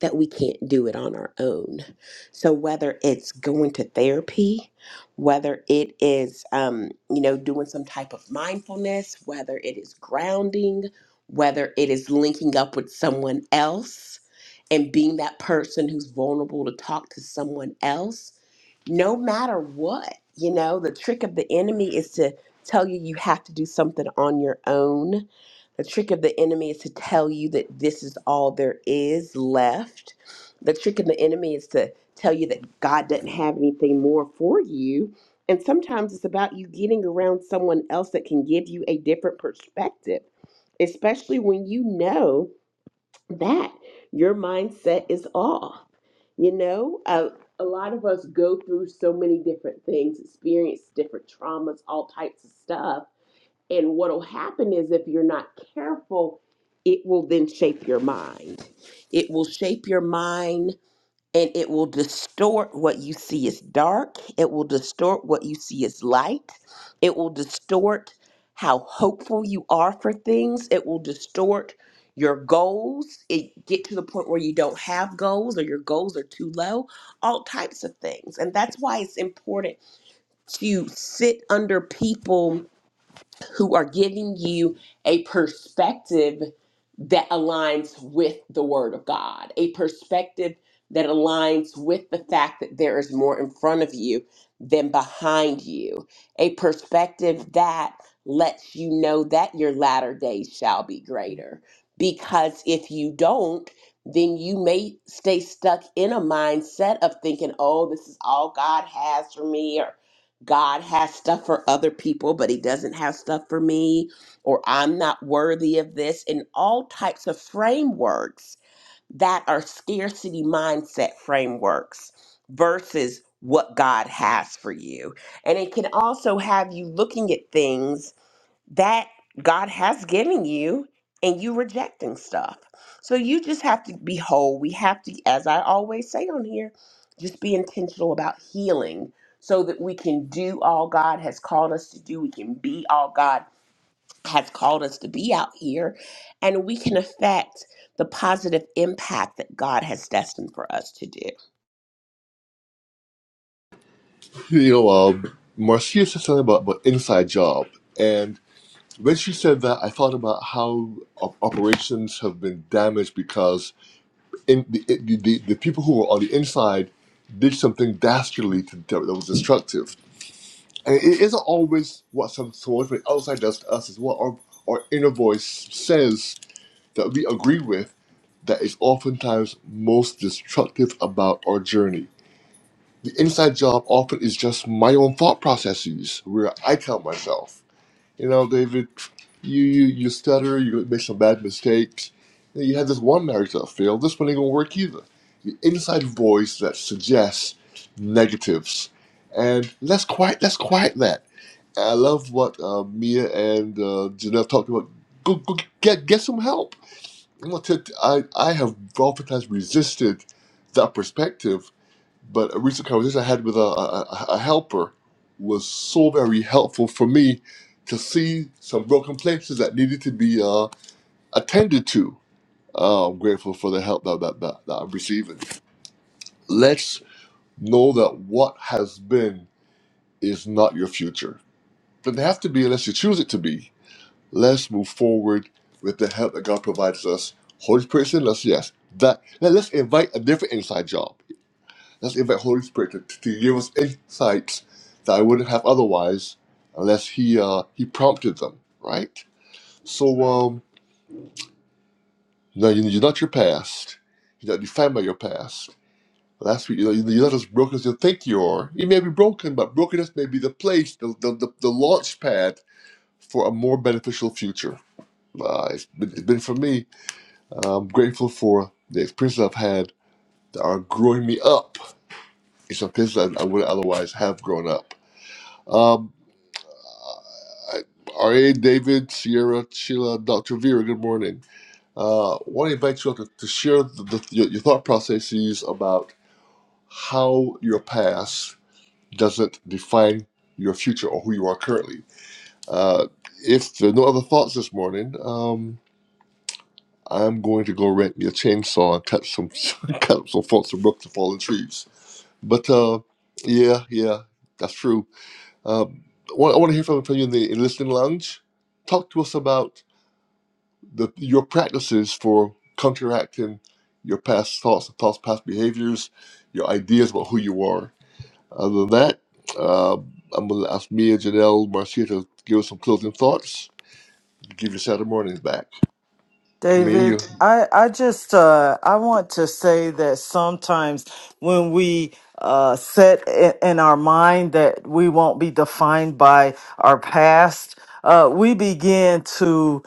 Speaker 3: that we can't do it on our own. So, whether it's going to therapy, whether it is, um, you know, doing some type of mindfulness, whether it is grounding, whether it is linking up with someone else and being that person who's vulnerable to talk to someone else no matter what. You know, the trick of the enemy is to tell you you have to do something on your own. The trick of the enemy is to tell you that this is all there is left. The trick of the enemy is to tell you that God doesn't have anything more for you. And sometimes it's about you getting around someone else that can give you a different perspective, especially when you know that your mindset is off. You know, uh, a lot of us go through so many different things, experience different traumas, all types of stuff. And what'll happen is if you're not careful, it will then shape your mind. It will shape your mind and it will distort what you see as dark. It will distort what you see as light. It will distort how hopeful you are for things. It will distort your goals. It get to the point where you don't have goals or your goals are too low. All types of things. And that's why it's important to sit under people who are giving you a perspective that aligns with the Word of God, a perspective that aligns with the fact that there is more in front of you than behind you, a perspective that lets you know that your latter days shall be greater. Because if you don't, then you may stay stuck in a mindset of thinking, oh, this is all God has for me, or God has stuff for other people, but he doesn't have stuff for me, or I'm not worthy of this, and all types of frameworks that are scarcity mindset frameworks versus what God has for you. And it can also have you looking at things that God has given you and you rejecting stuff. So you just have to be whole. We have to, as I always say on here, just be intentional about healing so that we can do all God has called us to do. We can be all God has called us to be out here and we can affect the positive impact that God has destined for us to do.
Speaker 1: you know, um, Marcia said something about, about inside job, and when she said that, I thought about how op- operations have been damaged because in the, it, the, the the people who were on the inside did something dastardly to, that was destructive, and it isn't always what some someone from the outside does to us; is what our, our inner voice says that we agree with that is oftentimes most destructive about our journey the inside job often is just my own thought processes where I tell myself, you know, David, you you you stutter, you make some bad mistakes. You, know, you had this one marriage that failed. This one ain't gonna work either. The inside voice that suggests negatives, and let's quiet let's quiet that. I love what uh, Mia and uh, Janelle talked about. Go, go get get some help. I'm gonna tell- I I have oftentimes resisted that perspective but a recent conversation I had with a, a, a helper was so very helpful for me to see some broken places that needed to be uh, attended to. Uh, I'm grateful for the help that, that, that, that I'm receiving. Let's know that what has been is not your future. Doesn't have to be unless you choose it to be. Let's move forward with the help that God provides us. Holy Spirit's in us, yes. That let- let's invite a different inside job. Let's invite Holy Spirit to, to give us insights that I wouldn't have otherwise unless He uh, He prompted them, right? So um, you know, you- you're not your past. You're not defined by your past. Last week, you know, you- you're not as broken as you think you are. You may be broken, but brokenness may be the place, the the, the, the launch pad for a more beneficial future. Uh, it's, been, it's been for me. I'm grateful for the experiences I've had that are growing me up in some places I, I wouldn't otherwise have grown up. Um, R.A. David, Sierra, Sheila, Dr. Vera, good morning. Uh, want to invite you all to, to share the, the, your, your thought processes about how your past doesn't define your future or who you are currently. Uh, if there are no other thoughts this morning, um, I'm going to go rent me a chainsaw and cut some cut up some folks some brooks and fallen trees. But uh, yeah, yeah, that's true. Uh, I want to hear from, from you in the in listening lounge. Talk to us about the your practices for counteracting your past thoughts, thoughts, past behaviors, your ideas about who you are. Other than that, uh, I'm going to ask Mia, Janelle, Marcia to give us some closing thoughts. Give your Saturday mornings back. Mia, you,
Speaker 2: David, I, I just uh, I want to say that sometimes when we uh, set i- in our mind that we won't be defined by our past, uh, we begin to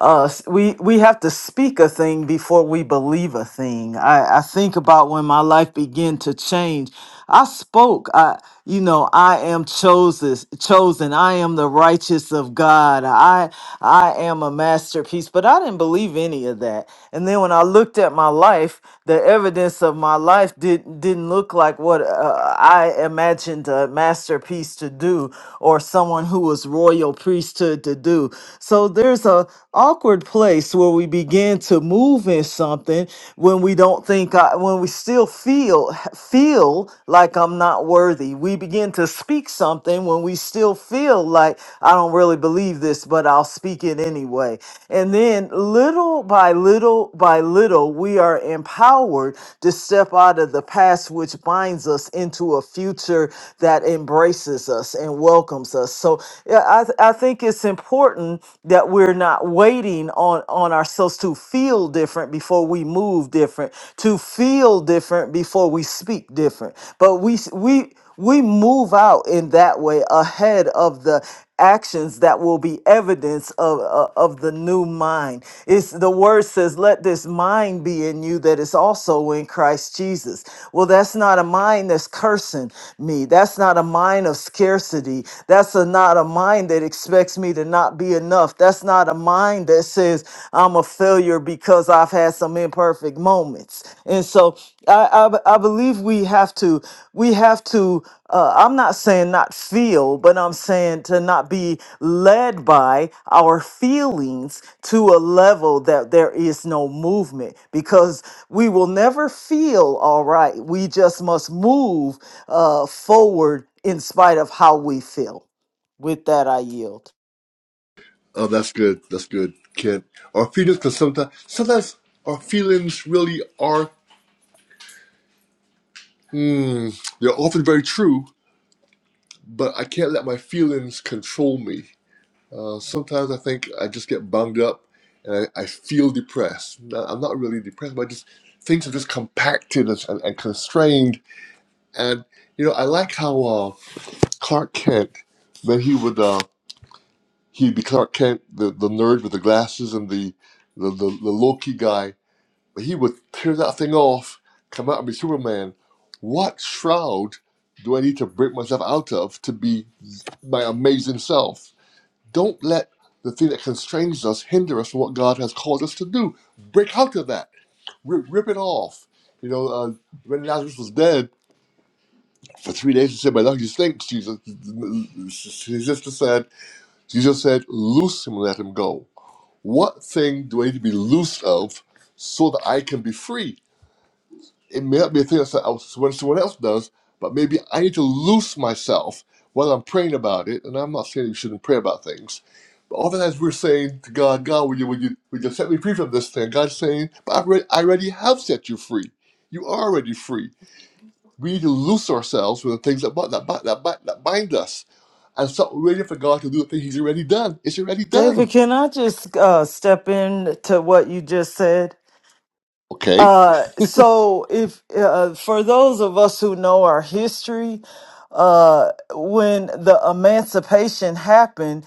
Speaker 2: uh s- we we have to speak a thing before we believe a thing i i think about when my life began to change i spoke i you know i am chosen chosen i am the righteous of god i i am a masterpiece but i didn't believe any of that and then when i looked at my life the evidence of my life did didn't look like what uh, i imagined a masterpiece to do or someone who was royal priesthood to do So so there's a awkward place where we begin to move in something when we don't think I, when we still feel feel like I'm not worthy. We begin to speak something when we still feel like I don't really believe this, but I'll speak it anyway. And then little by little by little, we are empowered to step out of the past, which binds us into a future that embraces us and welcomes us. So yeah, I, th- I think it's important that we're not waiting on on ourselves to feel different before we move different, to feel different before we speak different. But we s- we we move out in that way ahead of the actions that will be evidence of, of, of the new mind. It's the word says, let this mind be in you that is also in Christ Jesus. Well, that's not a mind that's cursing me. That's not a mind of scarcity. That's a, not a mind mind that expects me to not be enough. That's not a mind that says I'm a failure because I've had some imperfect moments. And so I, I, I believe we have to, we have to, uh, I'm not saying not feel, but I'm saying to not be led by our feelings to a level that there is no movement because we will never feel all right. We just must move uh, forward in spite of how we feel. With that, I yield.
Speaker 1: oh, that's good. That's good, Kent. Our feelings, because sometimes, sometimes our feelings really are, hmm, they're often very true, but I can't let my feelings control me. Uh, sometimes I think I just get bunged up and I, I feel depressed. No, I'm not really depressed, but just things are just compacted and, and, and constrained. And you know, I like how uh, Clark Kent, when he would uh, he'd be Clark Kent, the, the nerd with the glasses and the the, the the Loki guy, but he would tear that thing off, come out and be Superman. What shroud do I need to break myself out of to be my amazing self? Don't let the thing that constrains us hinder us from what God has called us to do. Break out of that. Rip, rip it off. You know, uh, when Lazarus was dead for three days, he said, "My Lord, you stinks." Jesus, his sister said, "Jesus said, loose him and let him go." What thing do I need to be loose of so that I can be free? it may not be a thing that I- was- when someone else does, but maybe I need to loose myself while I'm praying about it. And I'm not saying you shouldn't pray about things. But oftentimes we're saying to God, God, will you, will you, will you set me free from this thing? God's saying, but I already, I already have set you free. You are already free. We need to loose ourselves from the things that, bu- that, bu- that, bu- that bind us and stop waiting for God to do the thing He's already done. It's already done.
Speaker 2: David, can I just uh, step in to what you just said?
Speaker 1: Okay.
Speaker 2: Uh, so, if uh, for those of us who know our history, uh, when the emancipation happened,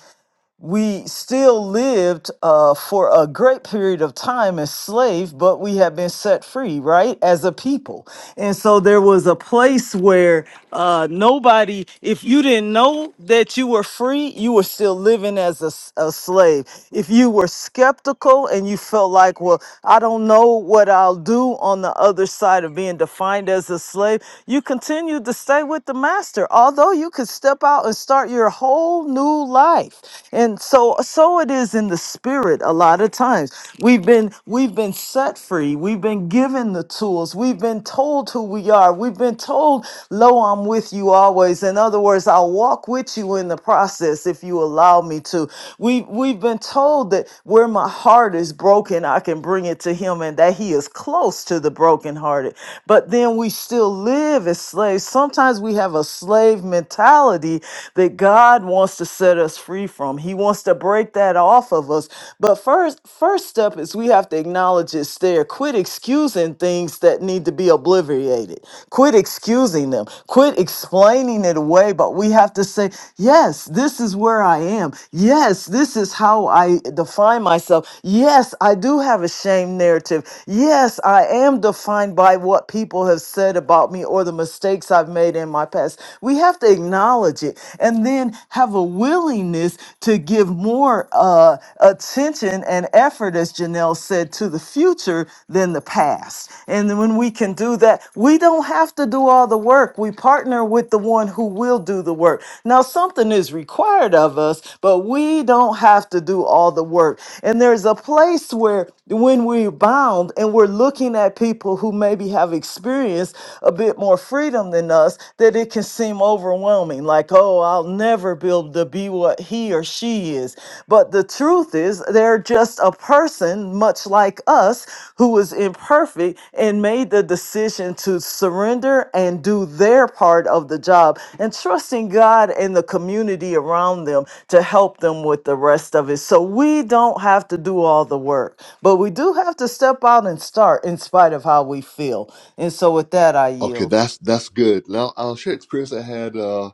Speaker 2: we still lived uh, for a great period of time enslaved, but we have been set free, right, as a people. And so there was a place where uh, nobody, if you didn't know that you were free, you were still living as a, s- a slave. If you were skeptical and you felt like, well, I don't know what I'll do on the other side of being defined as a slave, you continued to stay with the master, although you could step out and start your whole whole new life. And so so it is in the spirit a lot of times. We've been we've been set free. We've been given the tools. We've been told who we are. We've been told, "Lo, I'm with you always." In other words, I'll walk with you in the process if you allow me to. We we've been told that where my heart is broken, I can bring it to him and that he is close to the brokenhearted. But then we still live as slaves. Sometimes we have a slave mentality mentality that God wants to set us free from. He wants to break that off of us. But first, first step is we have to acknowledge it's there. Quit excusing things that need to be obliterated. Quit excusing them. Quit explaining it away. But we have to say, yes, this is where I am. Yes, this is how I define myself. Yes, I do have a shame narrative. Yes, I am defined by what people have said about me or the mistakes I've made in my my past. We have to acknowledge it and then have a willingness to give more uh, attention and effort, as Janelle said, to the future than the past. And then when we can do that, we don't have to do all the work. We partner with the one who will do the work. Now, something is required of us, but we don't have to do all the work. And there's a place where when we're bound and we're looking at people who maybe have experienced a bit more bit more freedom than us that it can seem overwhelming like oh i'll never be able to be what he or she is but the truth is they're just a person much like us who was imperfect and made the decision to surrender and do their part of the job and trusting god and the community around them to help them with the rest of it so we don't have to do all the work but we do have to step out and start in spite of how we feel and so with that, I
Speaker 1: Okay,
Speaker 2: yield.
Speaker 1: that's that's good. Now I'll share an experience I had uh,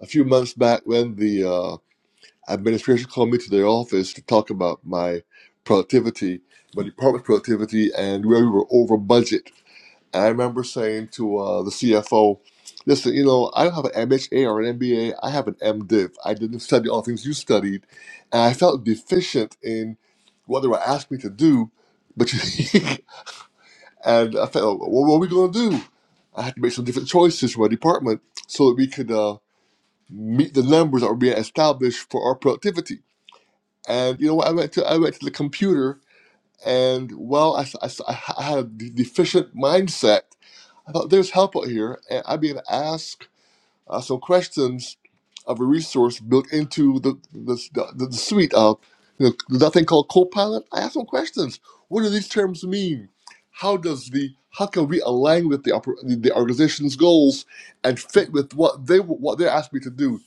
Speaker 1: a few months back when the uh, administration called me to their office to talk about my productivity, my department's productivity, and where we were over budget. And I remember saying to uh, the CFO, listen, you know, I don't have an MHA or an MBA. I have an MDiv. I didn't study all the things you studied. And I felt deficient in what they were asking me to do. But you, and I felt, well, what are we going to do? I had to make some different choices for my department so that we could uh, meet the numbers that were being established for our productivity. And you know, what? I went to I went to the computer, and well, I, s- I s- I had a de- deficient mindset. I thought there's help out here, and I began to ask uh, some questions of a resource built into the the, the, the suite of you know, that thing called Copilot. I asked some questions. What do these terms mean? How does the how can we align with the oper- the organization's goals and fit with what they what they're asking me to do?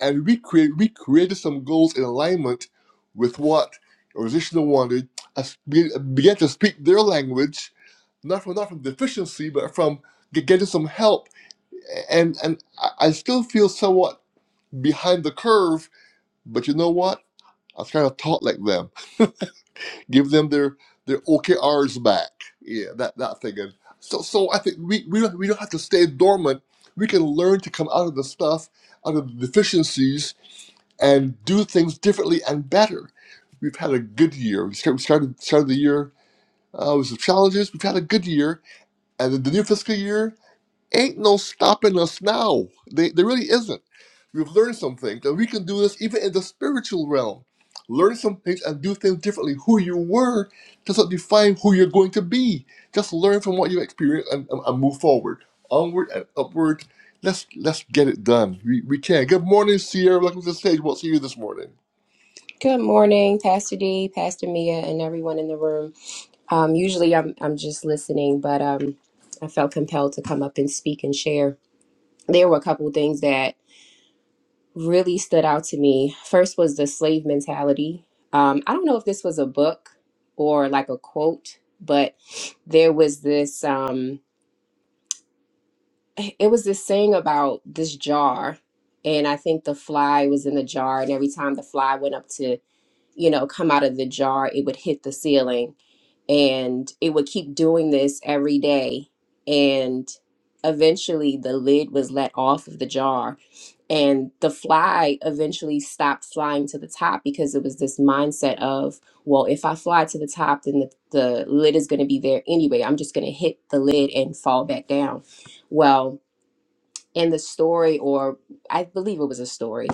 Speaker 1: and we create we created some goals in alignment with what Organization wanted. Us be- began to speak their language, not from not from deficiency, but from ge- getting some help. And and I I still feel somewhat behind the curve, but you know what? I was kind of taught like them. Give them their their OKRs back. Yeah, that that thing. And so so I think we we don't, we don't have to stay dormant. We can learn to come out of the stuff, out of the deficiencies, and do things differently and better. We've had a good year. We started we started, started the year uh, with some challenges. We've had a good year, and the new fiscal year ain't no stopping us now. They, there really isn't. We've learned some things, and we can do this even in the spiritual realm. Learn some things and do things differently. Who you were doesn't define who you're going to be. Just learn from what you experienced and, and, and move forward, onward and upward. Let's let's get it done. We, we can. Good morning, Sierra. Welcome to the stage. We'll see you this morning.
Speaker 5: Good morning, Pastor D, Pastor Mia, and everyone in the room. Um, usually I'm, I'm just listening, but um, I felt compelled to come up and speak and share. There were a couple of things that really stood out to me. First was the slave mentality. Um, I don't know if this was a book or like a quote, but there was this, um, it was this saying about this jar. And I think the fly was in the jar, and every time the fly went up to, you know, come out of the jar, it would hit the ceiling and it would keep doing this every day and eventually the lid was let off of the jar and the fly eventually stopped flying to the top because it was this mindset of well if i fly to the top then the, the lid is going to be there anyway i'm just going to hit the lid and fall back down well in the story, or I believe it was a story.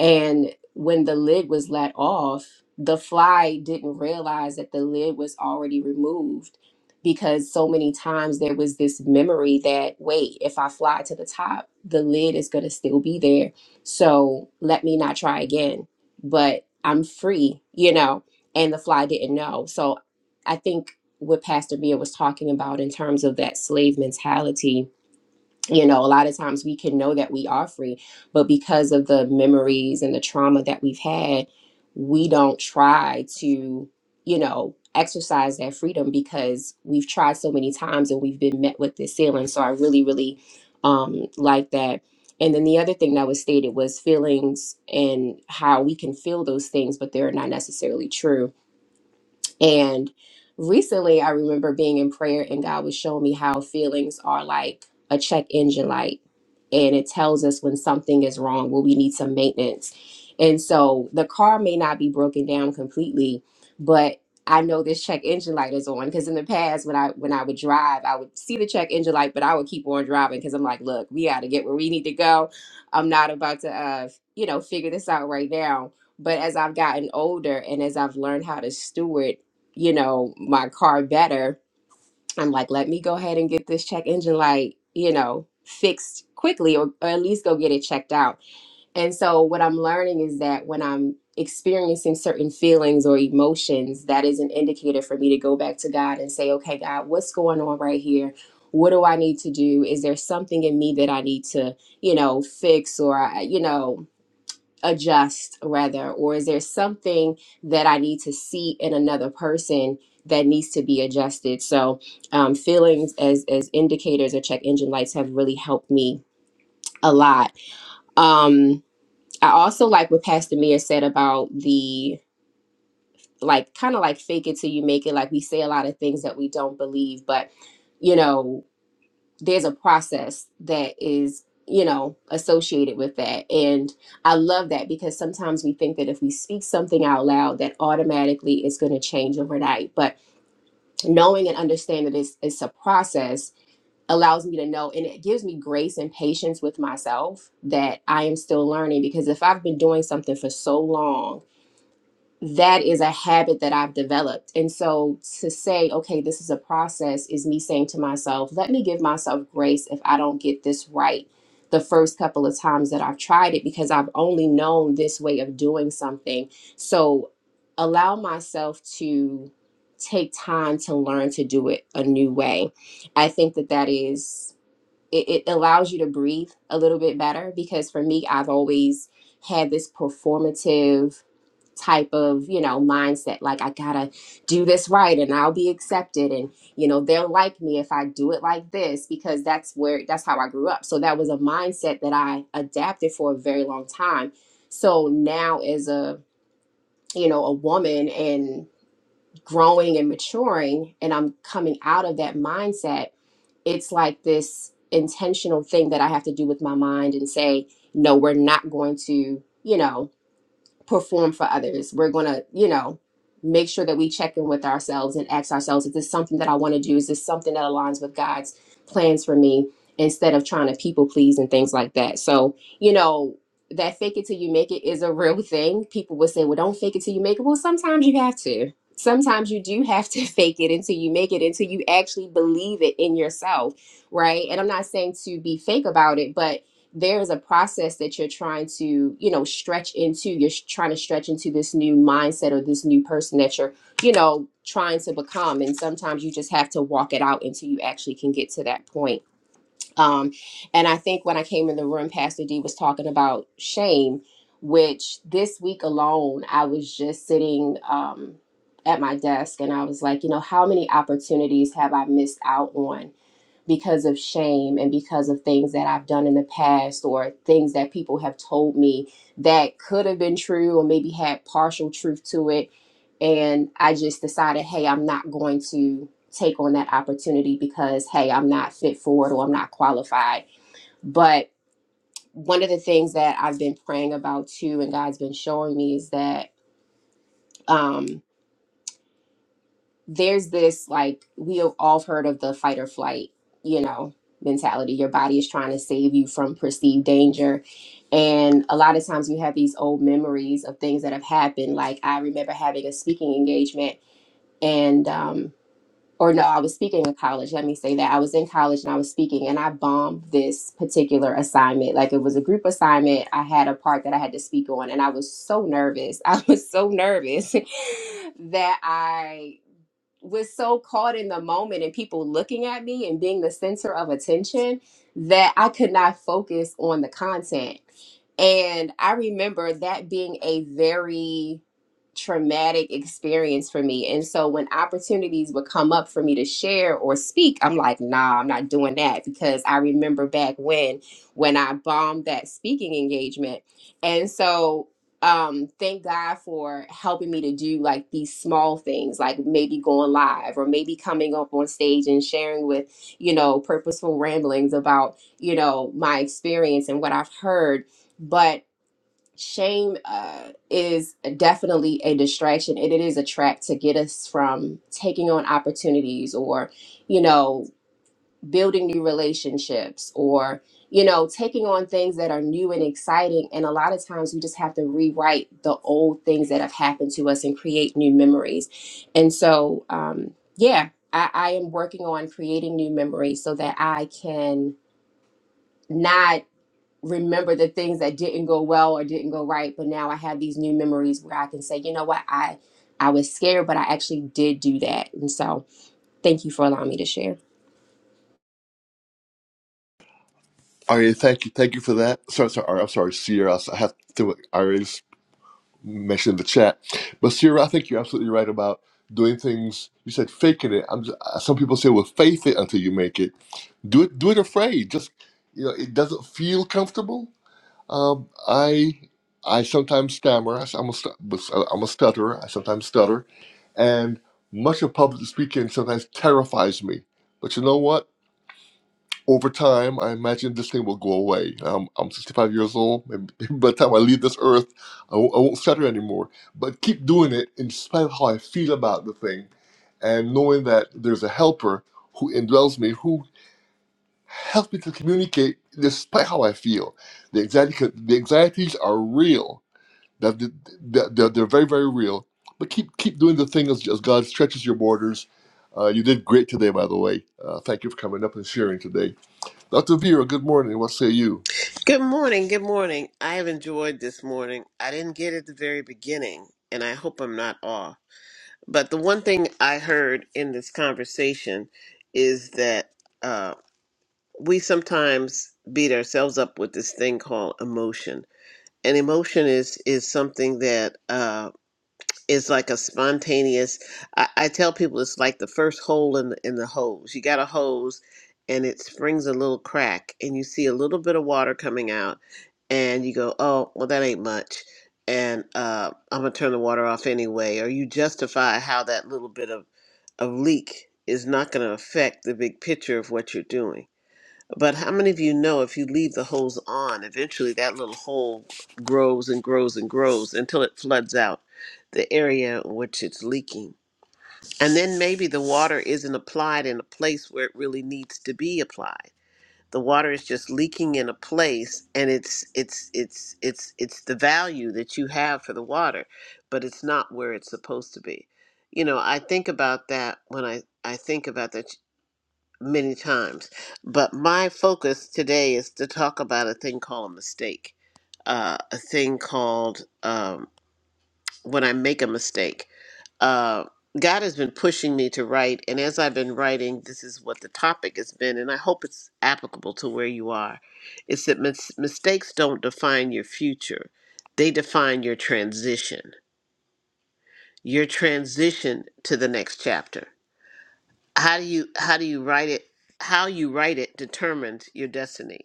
Speaker 5: And when the lid was let off, the fly didn't realize that the lid was already removed because so many times there was this memory that, wait, if I fly to the top, the lid is going to still be there. So let me not try again. But I'm free, you know, and the fly didn't know. So I think what Pastor Mia was talking about in terms of that slave mentality you know a lot of times we can know that we are free but because of the memories and the trauma that we've had we don't try to you know exercise that freedom because we've tried so many times and we've been met with this ceiling so i really really um like that and then the other thing that was stated was feelings and how we can feel those things but they're not necessarily true and recently, I remember being in prayer, and God was showing me how feelings are like a check engine light, and it tells us when something is wrong, when we need some maintenance. And so the car may not be broken down completely, but I know this check engine light is on because in the past when I when I would drive, I would see the check engine light, but I would keep on driving because I'm like, look, we got to get where we need to go. I'm not about to, uh, you know, figure this out right now. But as I've gotten older and as I've learned how to steward you know, my car better, I'm like, let me go ahead and get this check engine light, you know, fixed quickly or, or at least go get it checked out. And so what I'm learning is that when I'm experiencing certain feelings or emotions, that is an indicator for me to go back to God and say, okay, God, what's going on right here? What do I need to do? Is there something in me that I need to, you know, fix or, I- you know, adjust rather or is there something that i need to see in another person that needs to be adjusted so um, feelings as as indicators or check engine lights have really helped me a lot um i also like what pastor mia said about the like kind of like fake it till you make it like we say a lot of things that we don't believe but you know there's a process that is you know associated with that and i love that because sometimes we think that if we speak something out loud that automatically it's going to change overnight but knowing and understanding that it's, it's a process allows me to know and it gives me grace and patience with myself that i am still learning because if i've been doing something for so long that is a habit that I've developed. And so to say, okay, this is a process is me saying to myself, let me give myself grace if I don't get this right the first couple of times that I've tried it because I've only known this way of doing something. So allow myself to take time to learn to do it a new way. I think that that is it, it allows you to breathe a little bit better because for me I've always had this performative type of you know mindset like i gotta do this right and i'll be accepted and you know they'll like me if i do it like this because that's where that's how i grew up so that was a mindset that i adapted for a very long time so now as a you know a woman and growing and maturing and i'm coming out of that mindset it's like this intentional thing that i have to do with my mind and say no we're not going to you know perform for others. We're going to, you know, make sure that we check in with ourselves and ask ourselves, is this something that I want to do? Is this something that aligns with God's plans for me instead of trying to people please and things like that? So, you know, that fake it till you make it is a real thing. People would say, well, don't fake it till you make it. Well, sometimes you have to. Sometimes you do have to fake it until you make it, until you actually believe it in yourself, right? And I'm not saying to be fake about it, but there is a process that you're trying to you know stretch into you're sh- trying to stretch into this new mindset or this new person that you're you know trying to become and sometimes you just have to walk it out until you actually can get to that point um and i think when i came in the room pastor d was talking about shame which this week alone i was just sitting um at my desk and i was like you know how many opportunities have i missed out on because of shame and because of things that I've done in the past or things that people have told me that could have been true or maybe had partial truth to it. And I just decided, hey, I'm not going to take on that opportunity because, hey, I'm not fit for it or I'm not qualified. But one of the things that I've been praying about too, and God's been showing me is that. um, there's this like we have all heard of the fight or flight, you know, mentality. Your body is trying to save you from perceived danger. And a lot of times we have these old memories of things that have happened. Like I remember having a speaking engagement and um or no, I was speaking in college. Let me say that. I was in college and I was speaking and I bombed this particular assignment. Like it was a group assignment. I had a part that I had to speak on and I was so nervous. I was so nervous that I was so caught in the moment and people looking at me and being the center of attention that I could not focus on the content. And I remember that being a very traumatic experience for me. And so when opportunities would come up for me to share or speak, I'm like, nah, I'm not doing that because I remember back when when I bombed that speaking engagement. And so um thank god for helping me to do like these small things like maybe going live or maybe coming up on stage and sharing with you know purposeful ramblings about you know my experience and what i've heard but shame uh, is definitely a distraction and it is a trap to get us from taking on opportunities or you know building new relationships or you know taking on things that are new and exciting and a lot of times we just have to rewrite the old things that have happened to us and create new memories and so um, yeah I, I am working on creating new memories so that i can not remember the things that didn't go well or didn't go right but now i have these new memories where i can say you know what i i was scared but i actually did do that and so thank you for allowing me to share
Speaker 1: Ari, thank you, thank you for that. Sorry, sorry, Ari, I'm sorry, Sierra. I have to. I already mentioned in the chat, but Sierra, I think you're absolutely right about doing things. You said faking it. I'm just, some people say, well, faith it until you make it. Do it. Do it afraid. Just you know, it doesn't feel comfortable. Um, I I sometimes stammer. i s- I'm a stu- but uh, I'm a stutterer. I sometimes stutter, and much of public speaking sometimes terrifies me. But you know what? over time, I imagine this thing will go away. Um, I'm 65 years old. Maybe by the time I leave this earth, I won't, I won't stutter anymore. But keep doing it in spite of how I feel about the thing and knowing that there's a helper who indwells me, who helps me to communicate despite how I feel. The, anxiety, the anxieties are real. That They're, they're, they're they're very, very real. But keep keep doing the thing as, as God stretches your borders. Uh, you did great today, by the way. Uh, thank you for coming up and sharing today. Dr. Vera, good morning. What say you?
Speaker 6: Good morning. Good morning. I have enjoyed this morning. I didn't get it at the very beginning, and I hope I'm not off. But the one thing I heard in this conversation is that uh, we sometimes beat ourselves up with this thing called emotion, and emotion is is something that. uh, it's like a spontaneous. I, I tell people it's like the first hole in the, in the hose. You got a hose, and it springs a little crack, and you see a little bit of water coming out, and you go, "Oh, well, that ain't much," and uh, I'm gonna turn the water off anyway. Or you justify how that little bit of of leak is not gonna affect the big picture of what you're doing. But how many of you know if you leave the hose on, eventually that little hole grows and grows and grows until it floods out the area in which it's leaking? And then maybe the water isn't applied in a place where it really needs to be applied. The water is just leaking in a place and it's it's it's it's it's the value that you have for the water, but it's not where it's supposed to be. You know, I think about that when I I think about that many times. But my focus today is to talk about a thing called a mistake, uh, a thing called um, when I make a mistake. Uh, God has been pushing me to write, and as I've been writing, this is what the topic has been, and I hope it's applicable to where you are. It's that mis- mistakes don't define your future, they define your transition, your transition to the next chapter. how do you how do you write it how you write it determines your destiny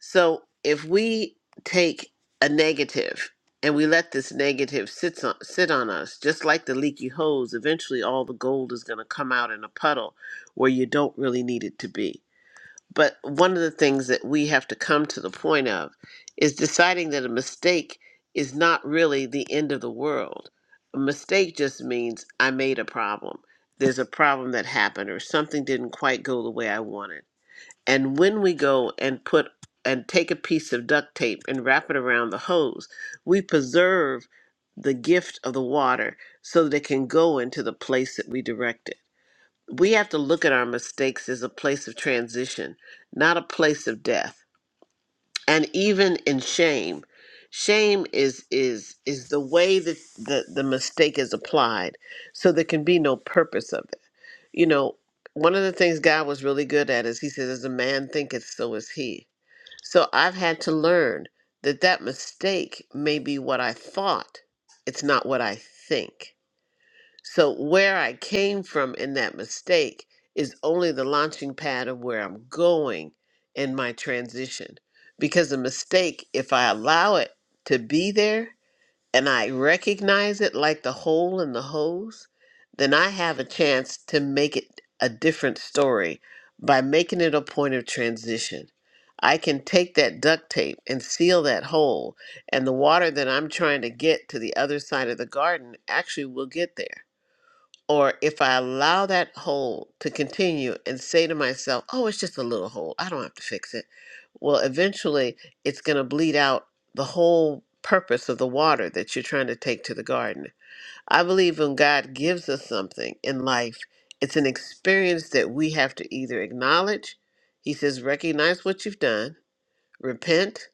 Speaker 6: so if we take a negative and we let this negative sit on, sit on us just like the leaky hose eventually all the gold is going to come out in a puddle where you don't really need it to be but one of the things that we have to come to the point of is deciding that a mistake is not really the end of the world. A mistake just means I made a problem. There's a problem that happened or something didn't quite go the way I wanted. And when we go and put and take a piece of duct tape and wrap it around the hose, we preserve the gift of the water so that it can go into the place that we direct it we have to look at our mistakes as a place of transition, not a place of death. And even in shame, shame is is is the way that the, the mistake is applied. So there can be no purpose of it. You know, one of the things God was really good at is he says, as a man thinketh, so is he. So I've had to learn that that mistake may be what I thought. It's not what I think so where I came from in that mistake is only the launching pad of where I'm going in my transition. Because a mistake, if I allow it to be there and I recognize it like the hole in the hose, then I have a chance to make it a different story by making it a point of transition. I can take that duct tape and seal that hole, and the water that I'm trying to get to the other side of the garden actually will get there or if I allow that hole to continue and say to myself, oh, it's just a little hole, I don't have to fix it, well, eventually it's going to bleed out the whole purpose of the water that you're trying to take to the garden. I believe when God gives us something in life, it's an experience that we have to either acknowledge, He says, recognize what you've done, repent,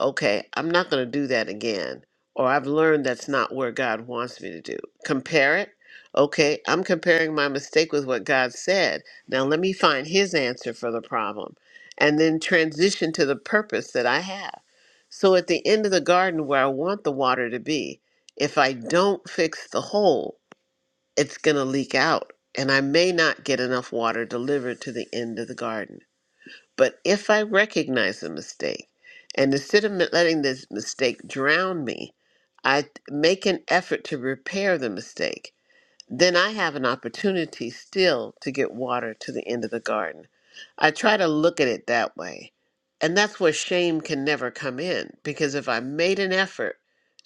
Speaker 6: okay, I'm not going to do that again, or I've learned that's not where God wants me to do. Compare it. Okay, I'm comparing my mistake with what God said. Now let me find His answer for the problem and then transition to the purpose that I have. So at the end of the garden where I want the water to be, if I don't fix the hole, it's going to leak out and I may not get enough water delivered to the end of the garden. But if I recognize a mistake, and instead of mi- letting this mistake drown me, I t- make an effort to repair the mistake, then I have an opportunity still to get water to the end of the garden. I try to look at it that way. And that's where shame can never come in, because if I made an effort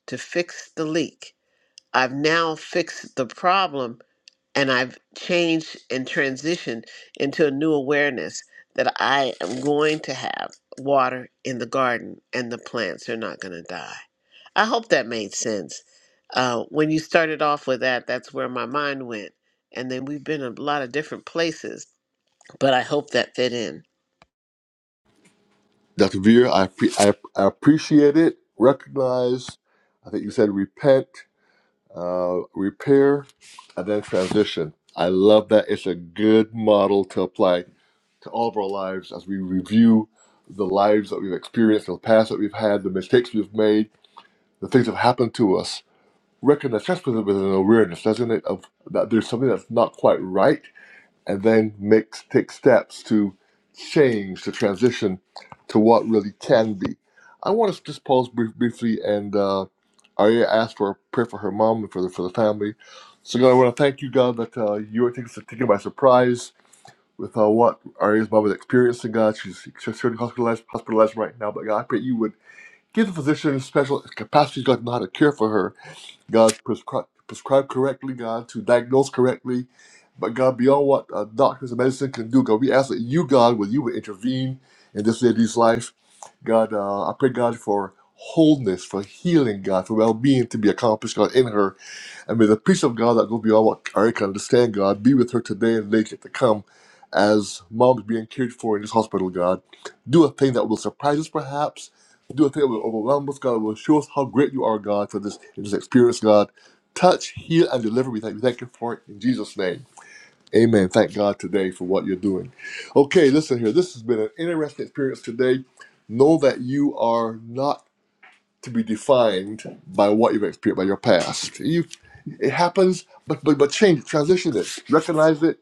Speaker 6: to fix the leak, I've now fixed the problem and I've changed and transitioned into a new awareness that I am going to have water in the garden and the plants are not going to die. I hope that made sense. Uh, when you started off with that, that's where my mind went. And then we've been a lot of different places, but I hope that fit in.
Speaker 1: Dr. Vera, I, appre- I, I appreciate it, recognize, I think you said repent, uh, repair, and then transition. I love that. It's a good model to apply to all of our lives as we review the lives that we've experienced, the past that we've had, the mistakes we've made, the things that have happened to us. Recognize, that's with with an awareness, doesn't it, of that there's something that's not quite right and then make take steps to change to transition to what really can be. I want to just pause brief, briefly, and uh, Arya asked for a prayer for her mom and for the for the family. So God, I want to thank you, God, that uh, you are taking us taken by surprise with uh, what Arya's mom is experiencing. God, she's she's certainly hospitalized, hospitalized right now, but God, I pray you would give the physician special capacities, God, to know how to care for her God prescribe, prescribe correctly, God, to diagnose correctly. But God, beyond what uh, doctors and medicine can do, God, we ask that you, God, will you would intervene in this lady's life. God, uh, I pray, God, for wholeness, for healing, God, for well-being to be accomplished, God, in her. And may the peace of God that go beyond what I can understand, God, be with her today and later to come as mom's being cared for in this hospital, God. Do a thing that will surprise us, perhaps. Do a thing that will overwhelm us, God. Will show us how great you are, God, for this, this experience, God. Touch, heal, and deliver. We thank you. Thank you for it in Jesus' name. Amen. Thank God today for what you're doing. Okay, listen here. This has been an interesting experience today. Know that you are not to be defined by what you've experienced by your past. You, it happens, but but but change, transition it, recognize it,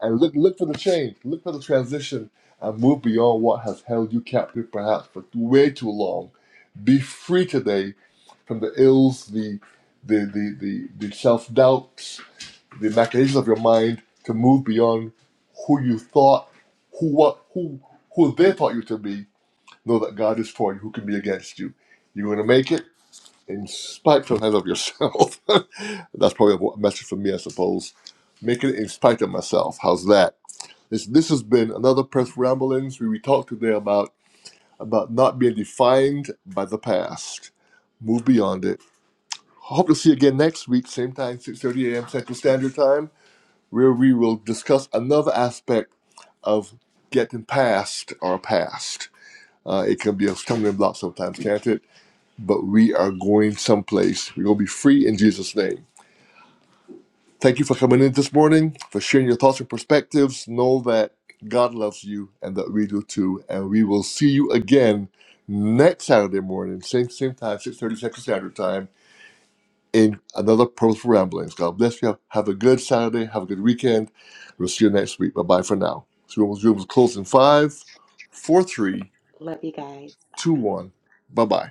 Speaker 1: and look look for the change, look for the transition, and move beyond what has held you captive perhaps for way too long. Be free today from the ills, the the the the, the self doubts, the machinations of your mind to move beyond who you thought, who what who who they thought you to be. Know that God is for you. Who can be against you? You're going to make it in spite and of yourself. That's probably a message for me, I suppose. Making it in spite of myself. How's that? This this has been another press ramblings where we talked today about about not being defined by the past. Move beyond it. Hope to see you again next week, same time, 6:30 a.m. Central Standard Time, where we will discuss another aspect of getting past our past. Uh, it can be a stumbling block sometimes, can't it? But we are going someplace. We're gonna be free in Jesus' name. Thank you for coming in this morning, for sharing your thoughts and perspectives. Know that God loves you and that we do too. And we will see you again next Saturday morning, same same time, 6.30 Central Standard Time, in another Purposeful Ramblings. God bless you. Have a good Saturday. Have a good weekend. We'll see you next week. Bye-bye for now. So room is closed in five, four, three, two, one. Bye-bye.